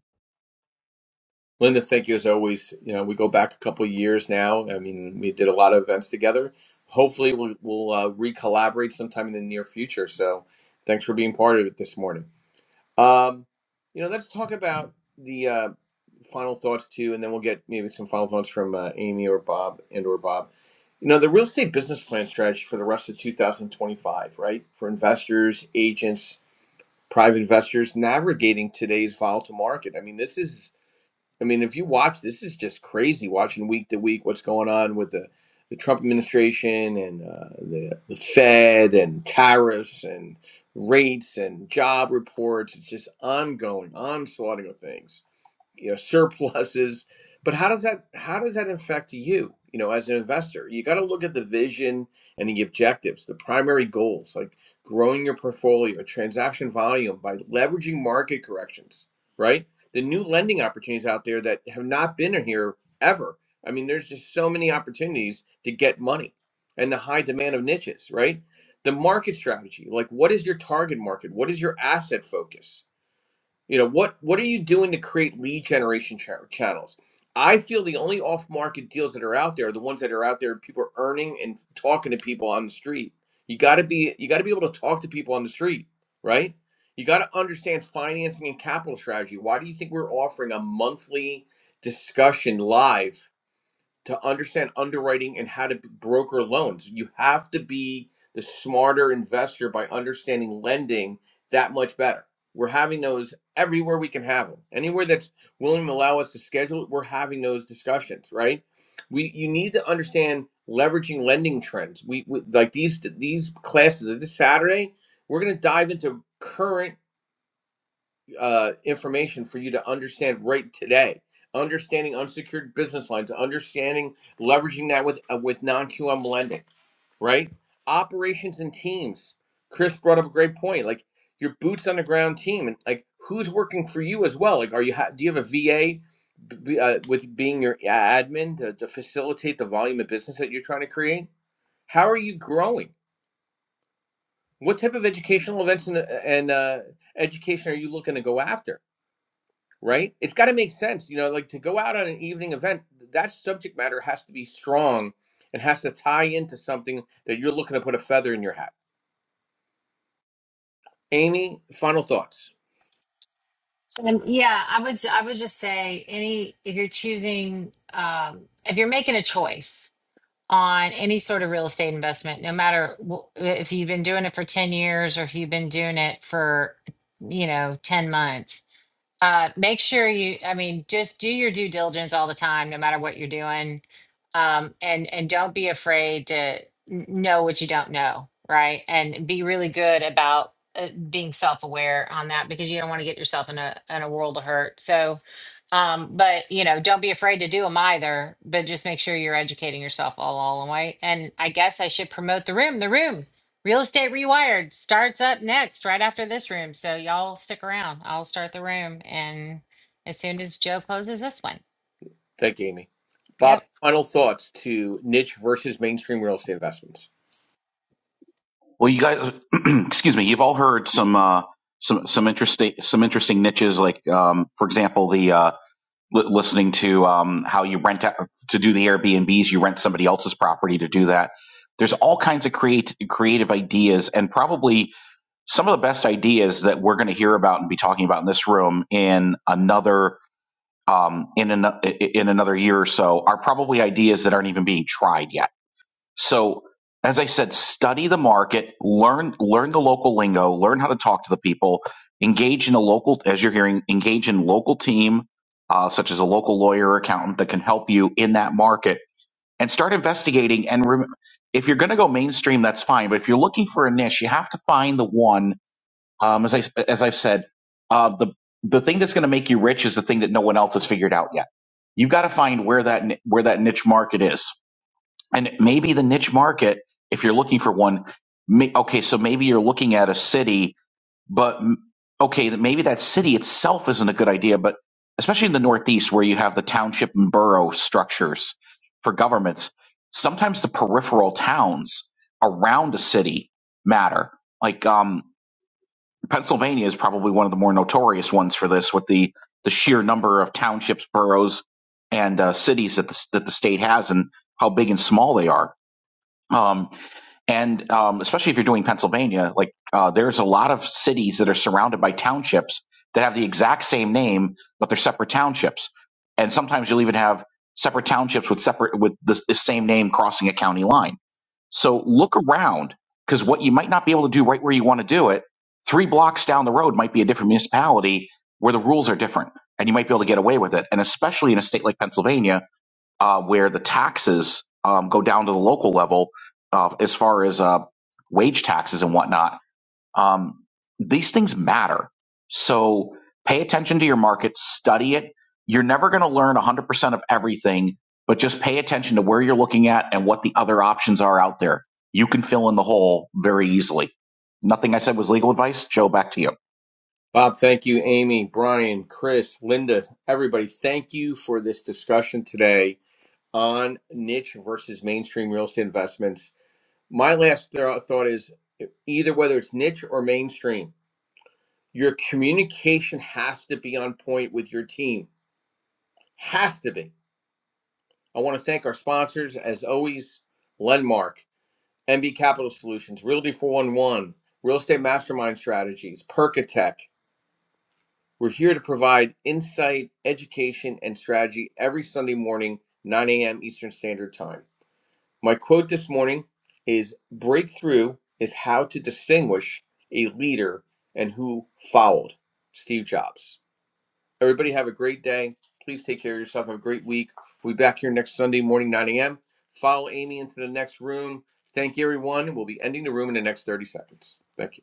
Linda, thank you as always. You know, we go back a couple of years now. I mean, we did a lot of events together. Hopefully, we'll, we'll uh, re-collaborate sometime in the near future. So, thanks for being part of it this morning. Um, you know, let's talk about the uh, final thoughts too, and then we'll get maybe some final thoughts from uh, Amy or Bob and or Bob. You know, the real estate business plan strategy for the rest of 2025, right? For investors, agents, private investors navigating today's volatile market. I mean, this is I mean, if you watch, this is just crazy watching week to week what's going on with the, the Trump administration and uh, the, the Fed and tariffs and rates and job reports. It's just ongoing onslaughting of things you know [laughs] surpluses but how does that how does that affect you you know as an investor you got to look at the vision and the objectives the primary goals like growing your portfolio transaction volume by leveraging market corrections right the new lending opportunities out there that have not been here ever i mean there's just so many opportunities to get money and the high demand of niches right the market strategy like what is your target market what is your asset focus you know, what what are you doing to create lead generation cha- channels? I feel the only off market deals that are out there are the ones that are out there people are earning and talking to people on the street. You got to be you got to be able to talk to people on the street, right? You got to understand financing and capital strategy. Why do you think we're offering a monthly discussion live to understand underwriting and how to broker loans. You have to be the smarter investor by understanding lending that much better. We're having those everywhere we can have them. Anywhere that's willing to allow us to schedule it, we're having those discussions, right? We you need to understand leveraging lending trends. We, we like these these classes this Saturday, we're going to dive into current uh, information for you to understand right today. Understanding unsecured business lines, understanding leveraging that with uh, with non QM lending, right? Operations and teams. Chris brought up a great point. Like your boots on the ground team, and like who's working for you as well. Like, are you ha- do you have a VA uh, with being your admin to, to facilitate the volume of business that you're trying to create? How are you growing? What type of educational events and, uh, and uh, education are you looking to go after? right? It's got to make sense, you know, like to go out on an evening event, that subject matter has to be strong and has to tie into something that you're looking to put a feather in your hat. Amy, final thoughts.
Um, yeah, I would I would just say any if you're choosing um, if you're making a choice on any sort of real estate investment, no matter wh- if you've been doing it for 10 years or if you've been doing it for, you know, 10 months, uh, make sure you i mean just do your due diligence all the time no matter what you're doing um, and and don't be afraid to n- know what you don't know right and be really good about uh, being self-aware on that because you don't want to get yourself in a in a world of hurt so um, but you know don't be afraid to do them either but just make sure you're educating yourself all all the way and i guess i should promote the room the room Real Estate Rewired starts up next, right after this room. So y'all stick around. I'll start the room and as soon as Joe closes this one.
Thank you, Amy.
Yep.
Bob, final thoughts to niche versus mainstream real estate investments.
Well, you guys, [clears throat] excuse me, you've all heard some uh, some some interesting some interesting niches, like um, for example, the uh, li- listening to um, how you rent out, to do the Airbnbs, you rent somebody else's property to do that. There's all kinds of create, creative ideas, and probably some of the best ideas that we're going to hear about and be talking about in this room in another um, in an, in another year or so are probably ideas that aren't even being tried yet. So, as I said, study the market, learn learn the local lingo, learn how to talk to the people, engage in a local as you're hearing, engage in local team, uh, such as a local lawyer or accountant that can help you in that market, and start investigating. And rem- if you're going to go mainstream, that's fine. But if you're looking for a niche, you have to find the one um, as I as I've said, uh, the the thing that's going to make you rich is the thing that no one else has figured out yet. You've got to find where that ni- where that niche market is, and maybe the niche market, if you're looking for one, may, okay, so maybe you're looking at a city, but mm, okay, that maybe that city itself isn't a good idea, but especially in the Northeast where you have the township and borough structures for governments, sometimes the peripheral towns around a city matter. Like, um, Pennsylvania is probably one of the more notorious ones for this, with the the sheer number of townships, boroughs, and uh, cities that the that the state has, and how big and small they are. Um, and um, especially if you're doing Pennsylvania, like uh, there's a lot of cities that are surrounded by townships that have the exact same name, but they're separate townships. And sometimes you'll even have separate townships with separate with the, the same name crossing a county line. So look around because what you might not be able to do right where you want to do it, three blocks down the road might be a different municipality where the rules are different, and you might be able to get away with it. And especially in a state like Pennsylvania, uh, where the taxes um, go down to the local level uh, as far as uh, wage taxes and whatnot. Um, these things matter. So pay attention to your market, study it. You're never going to learn 100% of everything, but just pay attention to where you're looking at and what the other options are out there. You can fill in the hole very easily. Nothing I said was legal advice. Joe, back to you.
Bob, thank you, Amy, Brian, Chris, Linda, everybody. Thank you for this discussion today. on niche versus mainstream real estate investments. My last thro- thought is either whether it's niche or mainstream, your communication has to be on point with your team. Has to be. I want to thank our sponsors, as always, Lenmark, MB Capital Solutions, Realty 411, Real Estate Mastermind Strategies, Percatech. We're here to provide insight, education, and strategy every Sunday morning, 9 a.m. Eastern Standard Time. My quote this morning is Breakthrough is how to distinguish a leader and who followed. Steve Jobs. Everybody have a great day. Please take care of yourself. Have a great week. We'll be back here next Sunday morning, 9 a.m. Follow Amy into the next room. Thank you, everyone. We'll be ending the room in the next 30 seconds. Thank you.